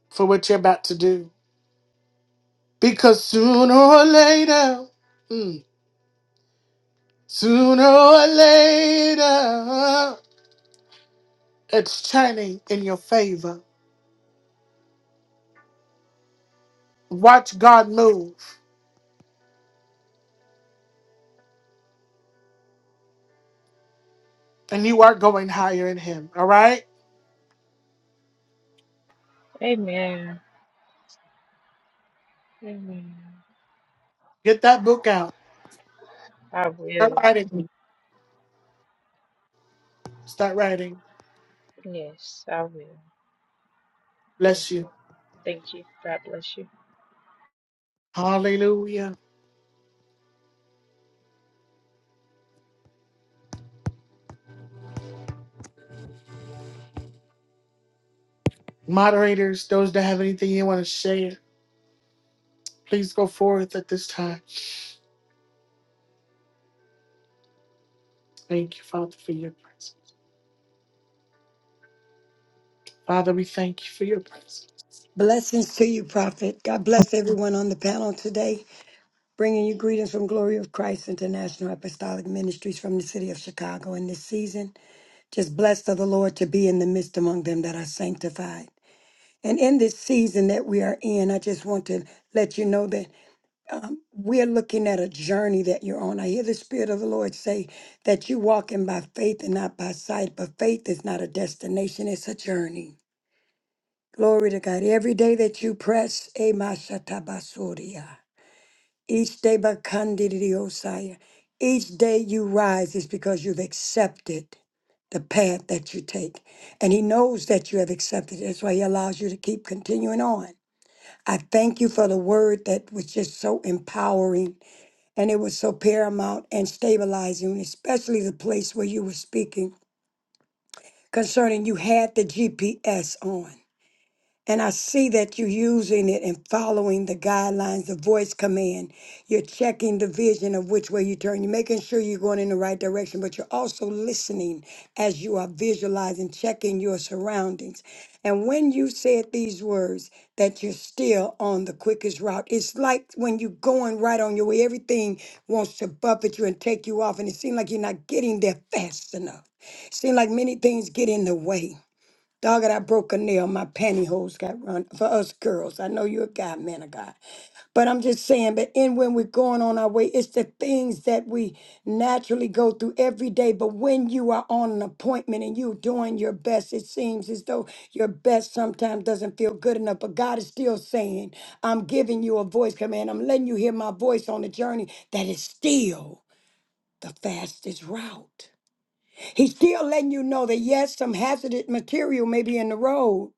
Speaker 1: for what you're about to do. Because sooner or later, mm, sooner or later, it's turning in your favor. Watch God move, and you are going higher in Him. All right?
Speaker 8: Amen. Amen.
Speaker 1: Get that book out.
Speaker 8: I
Speaker 1: Start
Speaker 8: will.
Speaker 1: writing. Start writing.
Speaker 8: Yes, I will. Thank
Speaker 1: Bless
Speaker 8: you.
Speaker 1: you.
Speaker 8: Thank you. God bless you.
Speaker 1: Hallelujah. Moderators, those that have anything you want to share, please go forth at this time. Thank you, Father, for your presence. Father, we thank you for your presence.
Speaker 2: Blessings to you, Prophet. God bless everyone on the panel today, bringing you greetings from Glory of Christ International Apostolic Ministries from the city of Chicago in this season. Just blessed of the Lord to be in the midst among them that are sanctified. And in this season that we are in, I just want to let you know that um, we're looking at a journey that you're on. I hear the Spirit of the Lord say that you're walking by faith and not by sight, but faith is not a destination, it's a journey. Glory to God. Every day that you press, Emashatabasuria. Each day, Bakandidiosaya. Each day you rise is because you've accepted the path that you take. And He knows that you have accepted it. That's why He allows you to keep continuing on I thank you for the word that was just so empowering and it was so paramount and stabilizing, especially the place where you were speaking concerning you had the GPS on. And I see that you're using it and following the guidelines, the voice command. You're checking the vision of which way you turn. You're making sure you're going in the right direction, but you're also listening as you are visualizing, checking your surroundings. And when you said these words, that you're still on the quickest route, it's like when you're going right on your way, everything wants to buffet you and take you off, and it seems like you're not getting there fast enough. Seems like many things get in the way. Dogged, I broke a nail. My pantyhose got run for us girls. I know you're a guy, man of God. But I'm just saying, but and when we're going on our way, it's the things that we naturally go through every day. But when you are on an appointment and you're doing your best, it seems as though your best sometimes doesn't feel good enough. But God is still saying, I'm giving you a voice command. I'm letting you hear my voice on the journey that is still the fastest route. He's still letting you know that yes, some hazardous material may be in the road,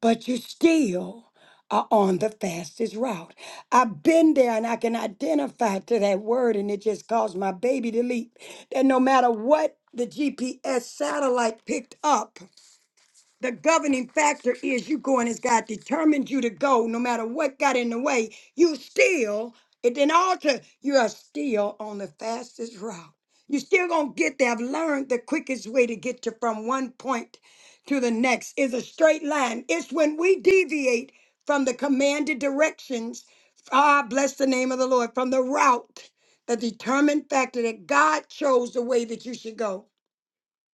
Speaker 2: but you still are on the fastest route. I've been there and I can identify to that word, and it just caused my baby to leap. That no matter what the GPS satellite picked up, the governing factor is you going as God determined you to go, no matter what got in the way. You still, it didn't alter. You are still on the fastest route. You still gonna get there. I've learned the quickest way to get to from one point to the next is a straight line. It's when we deviate from the commanded directions. Ah, bless the name of the Lord. From the route, the determined factor that God chose the way that you should go.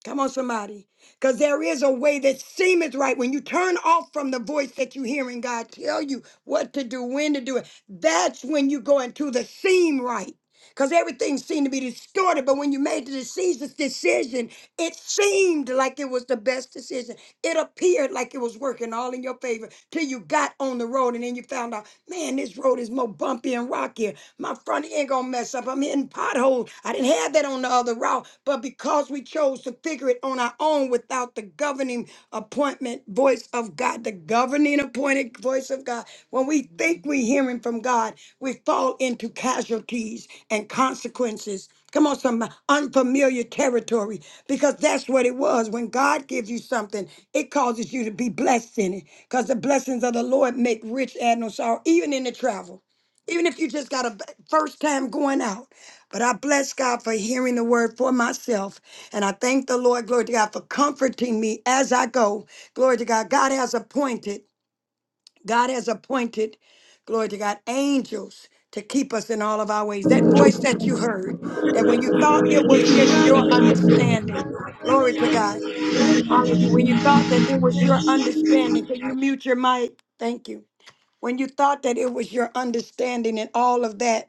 Speaker 2: Come on, somebody. Because there is a way that seemeth right. When you turn off from the voice that you hear and God tell you what to do, when to do it, that's when you go into the seem right. Because everything seemed to be distorted. But when you made the decisions- decision, it seemed like it was the best decision. It appeared like it was working all in your favor till you got on the road and then you found out, man, this road is more bumpy and rocky. My front end gonna mess up. I'm hitting potholes. I didn't have that on the other route, but because we chose to figure it on our own without the governing appointment voice of God, the governing appointed voice of God, when we think we're hearing from God, we fall into casualties and consequences. Come on, some unfamiliar territory, because that's what it was. When God gives you something, it causes you to be blessed in it, because the blessings of the Lord make rich and no sorrow, even in the travel even if you just got a b- first time going out. But I bless God for hearing the word for myself. And I thank the Lord, glory to God, for comforting me as I go. Glory to God. God has appointed, God has appointed, glory to God, angels to keep us in all of our ways. That voice that you heard, that when you thought it was just your understanding, glory to God. Hallelujah. When you thought that it was your understanding, can you mute your mic? Thank you when you thought that it was your understanding and all of that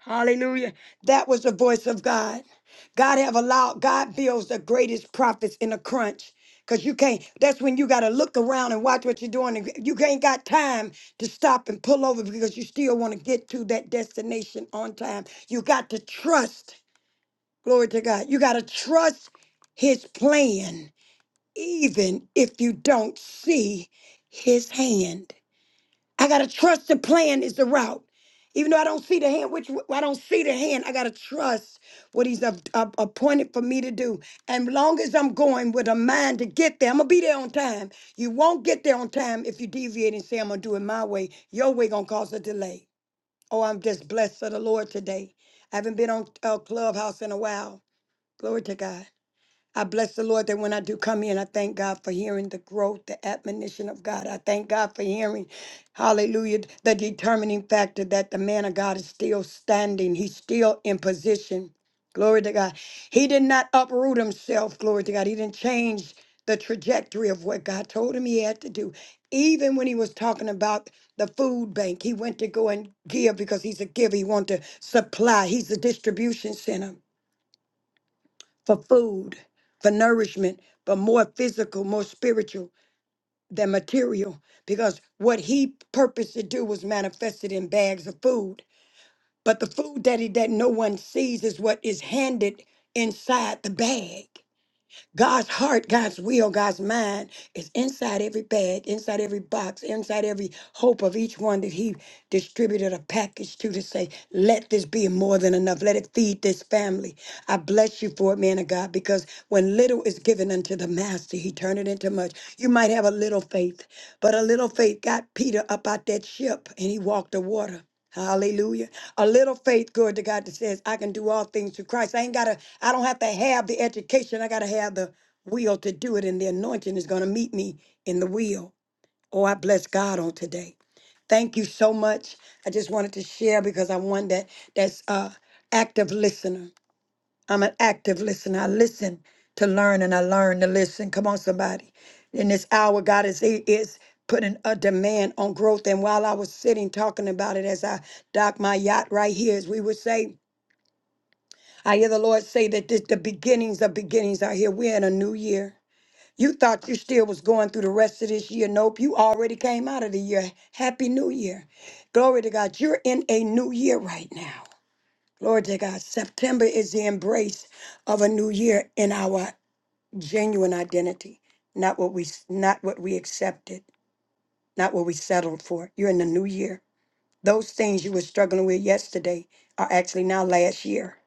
Speaker 2: Hallelujah. That was the voice of God. God have allowed, God builds the greatest prophets in a crunch. Cause you can't, that's when you gotta look around and watch what you're doing. and You ain't got time to stop and pull over because you still want to get to that destination on time. You got to trust, glory to God. You gotta trust his plan, even if you don't see his hand. I gotta trust the plan is the route. Even though I don't see the hand, which I don't see the hand, I gotta trust what he's a- a- appointed for me to do. And long as I'm going with a mind to get there, I'm gonna be there on time. You won't get there on time if you deviate and say I'm gonna do it my way. Your way gonna cause a delay. Oh, I'm just blessed of the Lord today. I haven't been on uh, Clubhouse in a while. Glory to God. I bless the Lord that when I do come in, I thank God for hearing the growth, the admonition of God. I thank God for hearing, hallelujah, the determining factor that the man of God is still standing. He's still in position. Glory to God. He did not uproot himself. Glory to God. He didn't change the trajectory of what God told him he had to do. Even when he was talking about the food bank, he went to go and give because he's a giver. He wanted to supply, he's a distribution center for food, for nourishment, but more physical, more spiritual than material, because what he purposed to do was manifested in bags of food. But the food that he that no one sees is what is handed inside the bag. God's heart, God's will, God's mind is inside every bag, inside every box, inside every hope of each one that he distributed a package to to say, let this be more than enough. Let it feed this family. I bless you for it, man of God, because when little is given unto the master, he turned it into much. You might have a little faith, but a little faith got Peter up out that ship and he walked the water. Hallelujah. A little faith, glory to God, that says, I can do all things through Christ. I ain't gotta, I don't have to have the education. I gotta have the will to do it, and the anointing is gonna meet me in the will. Oh, I bless God on today. Thank you so much. I just wanted to share because I'm one that that's uh active listener. I'm an active listener. I listen to learn and I learn to listen. Come on, somebody. In this hour, God is He is putting a demand on growth. And while I was sitting talking about it as I dock my yacht right here, as we would say, I hear the Lord say that this, the beginnings of beginnings are here. We're in a new year. You thought you still was going through the rest of this year. Nope, you already came out of the year. Happy New Year. Glory to God. You're in a new year right now. Glory to God. September is the embrace of a new year in our genuine identity, not what we not what we accepted, not what we settled for. You're in the new year. Those things you were struggling with yesterday are actually now last year.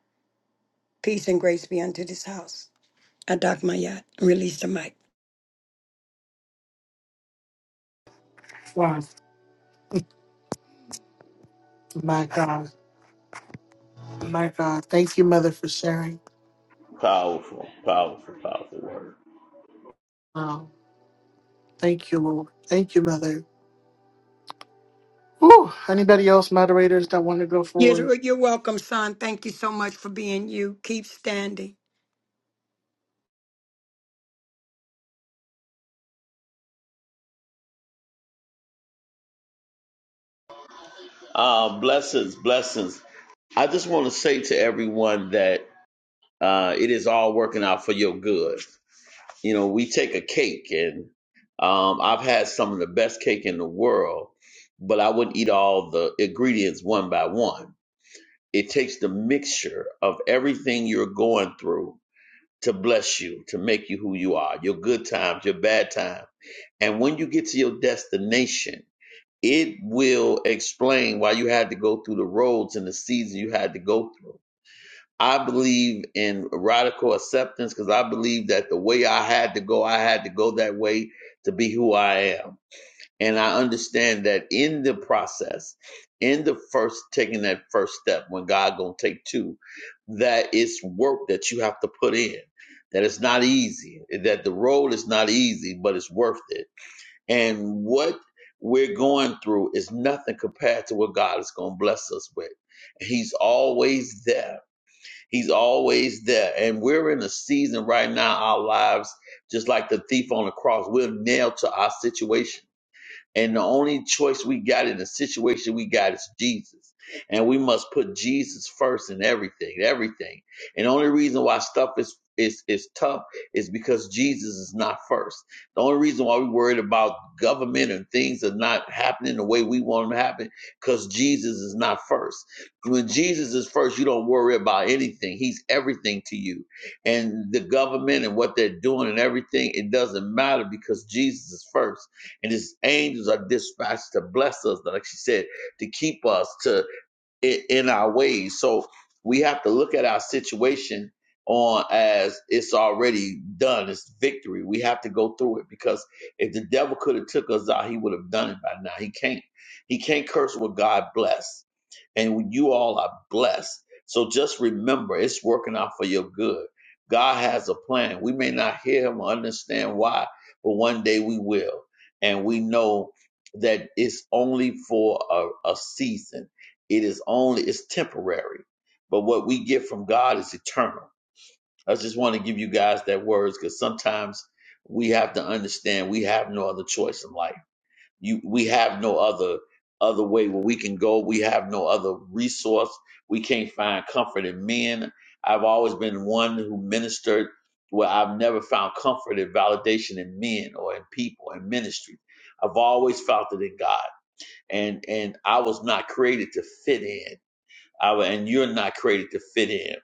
Speaker 2: Peace and grace be unto this house. I dock my yacht and release the mic.
Speaker 1: Wow. My God. My God. Thank you, Mother, for sharing.
Speaker 7: Powerful, powerful, powerful word.
Speaker 1: Wow. Thank you, Lord. Thank you, Mother. Whew. Anybody else, moderators, that want to go forward?
Speaker 2: You're, you're welcome, son. Thank you so much for being you. Keep standing.
Speaker 7: Uh, blessings, blessings. I just want to say to everyone that uh, it is all working out for your good. You know, we take a cake, and um, I've had some of the best cake in the world, but I wouldn't eat all the ingredients one by one. It takes the mixture of everything you're going through to bless you, to make you who you are, your good times, your bad times And when you get to your destination, it will explain why you had to go through the roads and the season you had to go through. I believe in radical acceptance because I believe that the way I had to go, I had to go that way to be who I am. And I understand that in the process, in the first taking that first step, when God gonna take two, that it's work that you have to put in. That it's not easy. That the road is not easy, but it's worth it and what we're going through is nothing compared to what God is going to bless us with. He's always there. He's always there. And we're in a season right now, our lives, just like the thief on the cross, we're nailed to our situation and the only choice we got in the situation we got is Jesus. And we must put Jesus first in everything, everything. And the only reason why stuff is is is tough is because Jesus is not first. The only reason why we worried about government and things are not happening the way we want them to happen, because Jesus is not first. When Jesus is first, you don't worry about anything. He's everything to you. And the government and what they're doing and everything, it doesn't matter because Jesus is first and his angels are dispatched to bless us, like she said, to keep us, to i- in our ways. So we have to look at our situation on as it's already done. It's victory. We have to go through it because if the devil could have took us out, he would have done it by now. He can't. He can't curse what God bless, and you all are blessed. So just remember, it's working out for your good. God has a plan. We may not hear him or understand why, but one day we will, and we know that it's only for a, a season it is only it's temporary, but what we get from God is eternal. I just want to give you guys that words because sometimes we have to understand we have no other choice in life. You we have no other other way where we can go. We have no other resource. We can't find comfort in men. I've always been one who ministered where I've never found comfort and validation in men or in people in ministry. I've always felt it in God and and I was not created to fit in. All right, and you're not created to fit in.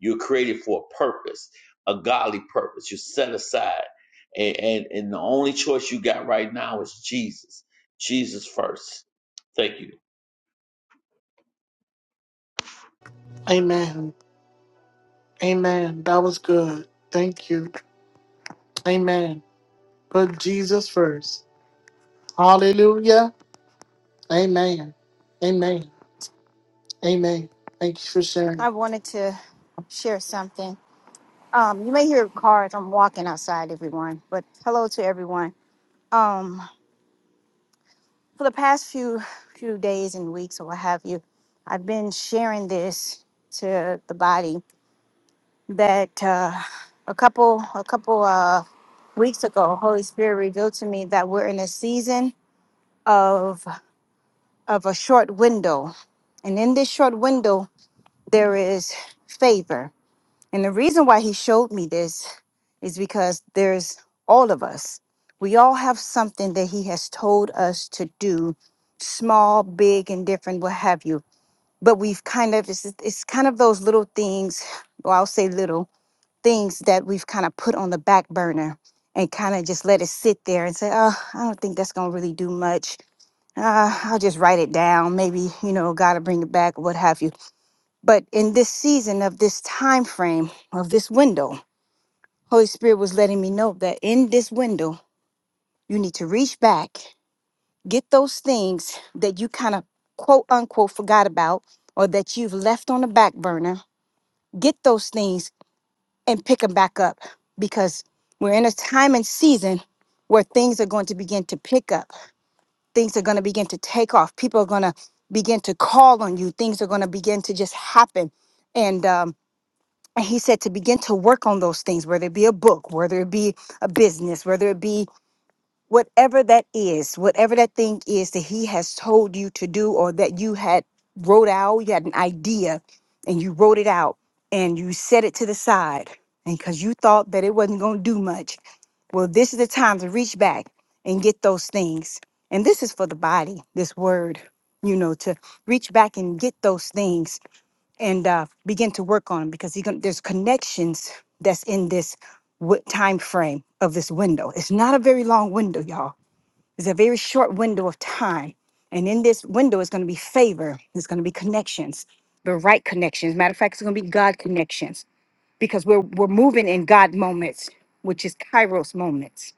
Speaker 7: You're created for a purpose, a godly purpose. You're set aside. And, and, and the only choice you got right now is Jesus. Jesus first. Thank you.
Speaker 1: Amen. Amen. That was good. Thank you. Amen. Put Jesus first. Hallelujah. Amen. Amen. Amen. Thank you for sharing.
Speaker 9: I wanted to share something. Um, you may hear cars. I'm walking outside, everyone. But hello to everyone. Um, for the past few few days and weeks, or what have you, I've been sharing this to the body that uh, a couple a couple uh, weeks ago, Holy Spirit revealed to me that we're in a season of of a short window, and in this short window, there is favor And the reason why he showed me this is because there's all of us. We all have something that he has told us to do, small, big, and different, what have you. But we've kind of, it's, it's kind of those little things, or I'll say little things that we've kind of put on the back burner and kind of just let it sit there and say, oh, I don't think that's going to really do much. Uh, I'll just write it down. Maybe, you know, God will bring it back, or what have you. But in this season of this time frame, of this window, Holy Spirit was letting me know that in this window, you need to reach back, get those things that you kind of quote unquote forgot about or that you've left on the back burner, get those things and pick them back up because we're in a time and season where things are going to begin to pick up. Things are going to begin to take off. People are going to begin to call on you. Things are going to begin to just happen. And, um, and he said to begin to work on those things, whether it be a book, whether it be a business, whether it be whatever that is, whatever that thing is that he has told you to do or that you had wrote out, you had an idea and you wrote it out and you set it to the side and because you thought that it wasn't going to do much. Well, this is the time to reach back and get those things. And this is for the body, this word, you know, to reach back and get those things and uh, begin to work on them because you're gonna, there's connections that's in this w- time frame of this window. It's not a very long window, y'all it's a very short window of time. And in this window is going to be favor, it's going to be connections, the right connections. Matter of fact, it's going to be God connections because we're, we're moving in God moments, which is Kairos moments.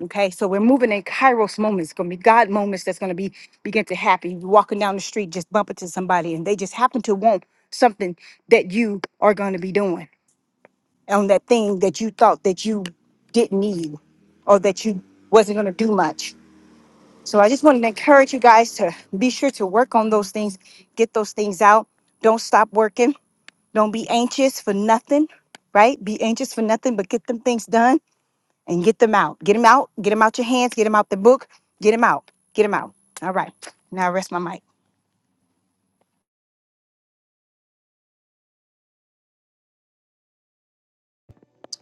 Speaker 9: Okay, so we're moving in Kairos moments. It's gonna be God moments that's gonna be begin to happen. you walking down the street, just bump into somebody, and they just happen to want something that you are gonna be doing on that thing that you thought that you didn't need or that you wasn't gonna do much. So I just wanted to encourage you guys to be sure to work on those things, get those things out. Don't stop working. Don't be anxious for nothing, right? Be anxious for nothing, but get them things done and get them out. Get them out. Get them out your hands. Get them out the book. Get them out. Get them out. All right. Now I rest my mic.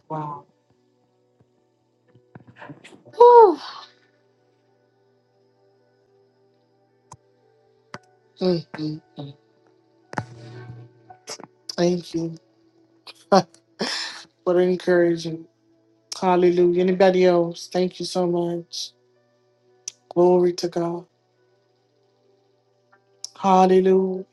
Speaker 1: Wow. hmm Thank you. what an encouragement. Hallelujah. Anybody else? Thank you so much. Glory to God. Hallelujah.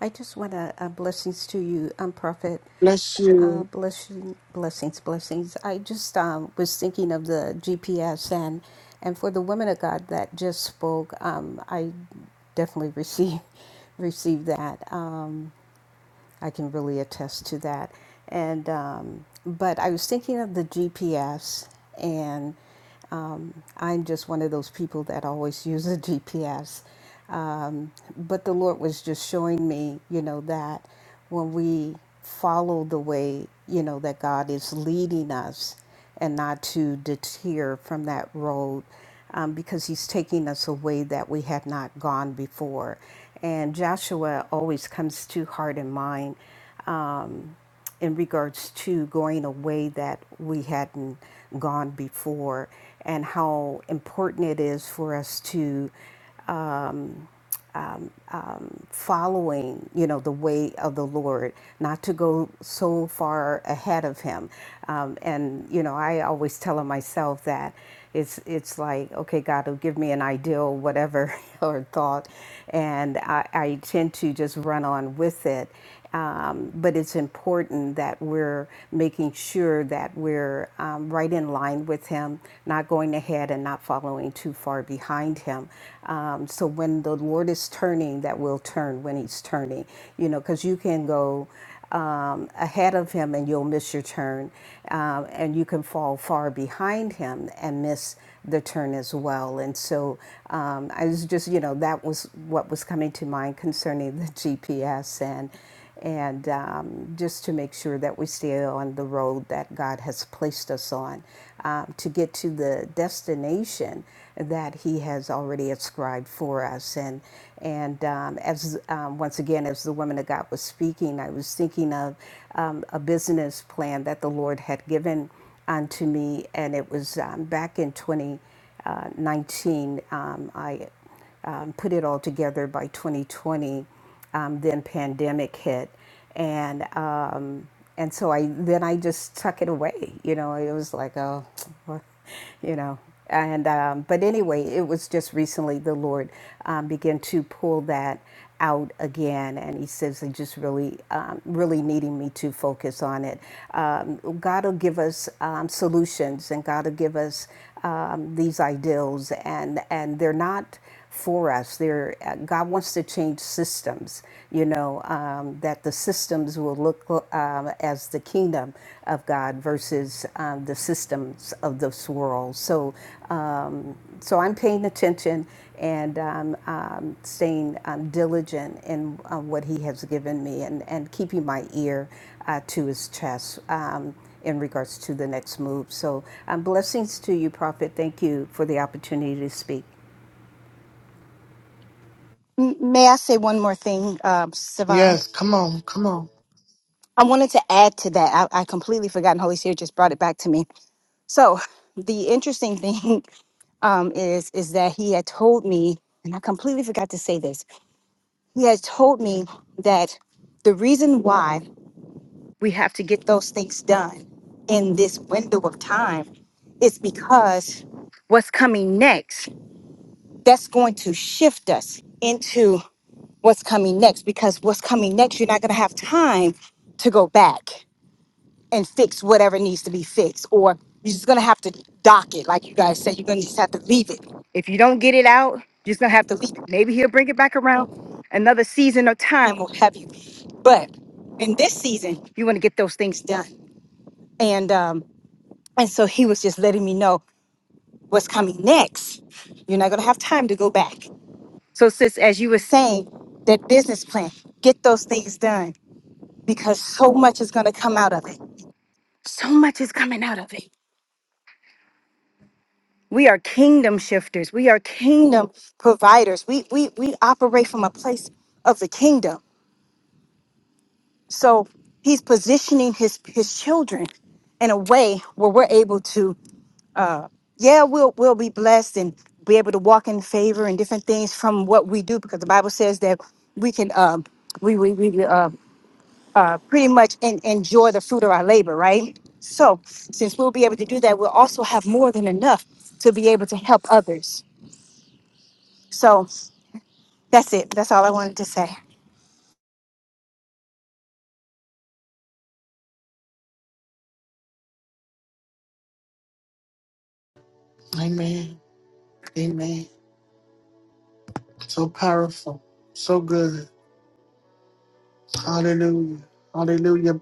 Speaker 3: I just want to uh, blessings to you, um, Prophet.
Speaker 1: Bless
Speaker 3: Uh,
Speaker 1: you.
Speaker 3: blessing, blessings, blessings. I just um, was thinking of the GPS and and for the women of God that just spoke, um, I definitely received received that. Um, I can really attest to that. And um, but I was thinking of the GPS, and um, I'm just one of those people that always use a GPS. Um, but the Lord was just showing me, you know, that when we follow the way, you know, that God is leading us, and not to deter from that road um, because he's taking us a way that we have not gone before. And Joshua always comes to heart and mind um, in regards to going a way that we hadn't gone before and how important it is for us to uh, following, you know, the way of the Lord, not to go so far ahead of Him. Um, and you know, I always tell myself that it's it's like, okay, God will give me an ideal, whatever or thought, and I, I tend to just run on with it. Um, but it's important that we're making sure that we're um, right in line with him, not going ahead and not following too far behind him. Um, so when the Lord is turning, that we'll turn when he's turning, you know, because you can go um, ahead of him and you'll miss your turn. Um, and you can fall far behind him and miss the turn as well. And so um, I was just, you know, that was what was coming to mind concerning the GPS and and um, just to make sure that we stay on the road that God has placed us on um, to get to the destination that He has already ascribed for us. And and um, as um, once again, as the woman of God was speaking, I was thinking of um, a business plan that the Lord had given unto me, and it was um, back in 2019. Um, I um, put it all together by 2020 um, then pandemic hit and um, and so I then I just tuck it away you know it was like oh well, you know and um, but anyway it was just recently the Lord um, began to pull that out again and he says he just really um, really needing me to focus on it um, god will give us um, solutions and god will give us um, these ideals and and they're not for us. There, uh, God wants to change systems. You know um, that the systems will look um, as the kingdom of God versus um, the systems of this world. So, um, so I'm paying attention and um, um, staying um, diligent in uh, what He has given me, and and keeping my ear uh, to His chest. Um, in regards to the next move. So, um, blessings to you, Prophet. Thank you for the opportunity to speak.
Speaker 9: M- May I say one more thing, um, Savan?
Speaker 1: Yes. Come on. Come on.
Speaker 9: I wanted to add to that. I, I completely forgot, and Holy Spirit just brought it back to me. So the interesting thing um, is is that he had told me, and I completely forgot to say this He has told me that the reason why we have to get those things done in this window of time is because what's coming next, that's going to shift us into what's coming next. Because what's coming next, you're not going to have time to go back and fix whatever needs to be fixed or you're just gonna have to dock it like you guys said you're gonna just have to leave it if you don't get it out you're just gonna have to leave it maybe he'll bring it back around another season or time will have you but in this season you want to get those things done and um and so he was just letting me know what's coming next you're not gonna have time to go back so sis as you were saying that business plan get those things done because so much is gonna come out of it so much is coming out of it We are kingdom shifters. We are kingdom providers. We we we operate from a place of the kingdom. So he's positioning his his children in a way where we're able to, yeah, we'll we'll be blessed and be able to walk in favor and different things from what we do because the Bible says that we can um we we, we uh, uh pretty much en- enjoy the fruit of our labor, right? So since we'll be able to do that, we'll also have more than enough to be able to help others. So That's it. That's all I wanted to say.
Speaker 1: Amen. Amen. So powerful. So good. Hallelujah. Hallelujah.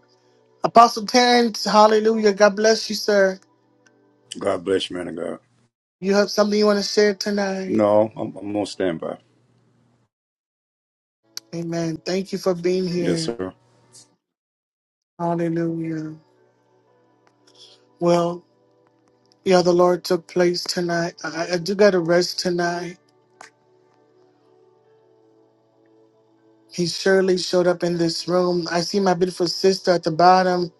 Speaker 1: Apostle Terrence, hallelujah. God bless you, sir.
Speaker 10: God bless you, man of God.
Speaker 1: You have something you want to share tonight.
Speaker 10: No, I'm, I'm on standby.
Speaker 1: Amen. Thank you for being
Speaker 10: Yes,
Speaker 1: here.
Speaker 10: sir.
Speaker 1: Hallelujah. Well, yeah, the Lord took place tonight. I, I do got to rest tonight. He surely showed up in this room. I see my beautiful sister at the bottom,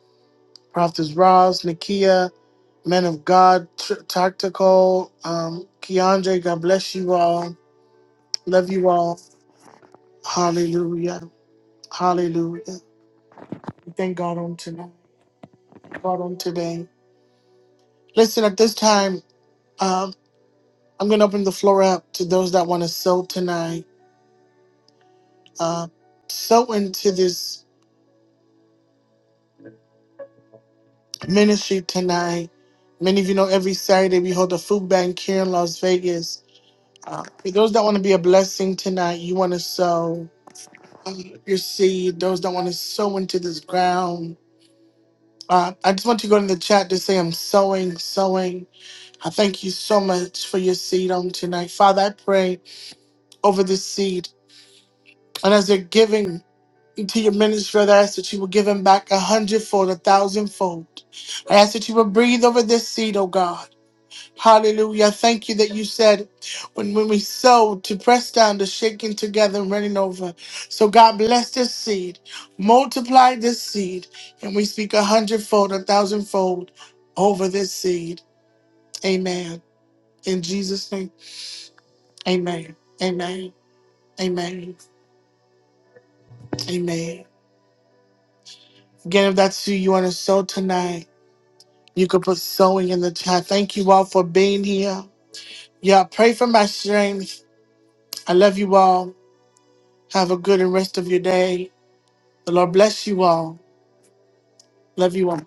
Speaker 1: Prophets Ross, Nakia, Men of God, Tr- Tactical, um, Keandre. God bless you all. Love you all. Hallelujah. Hallelujah. We Thank God on tonight. God on today. Listen, at this time, um, I'm going to open the floor up to those that want to sow tonight. uh, so into this ministry tonight. Many of you know every Saturday we hold a food bank here in Las Vegas. Uh, for those that want to be a blessing tonight, you want to sow um, your seed. Those that want to sow into this ground. Uh, I just want to go in the chat to say I'm sowing, sowing. I thank you so much for your seed on tonight. Father, I pray over this seed. And as they're giving, Into your ministry, Lord, I ask that you will give him back a hundredfold, a thousandfold. I ask that you will breathe over this seed, oh God. Hallelujah. I Thank you that you said when, when we sow to press down, to shaking together and running over. So God bless this seed, multiply this seed, and we speak a hundredfold, a thousandfold over this seed. Amen. In Jesus' name. Amen. Amen. Amen. Amen. Again, if that's who you want to sow tonight. You could put sewing in the chat. Thank you all for being here. Yeah, pray for my strength. I love you all. Have a good and rest of your day. The Lord bless you all. Love you all.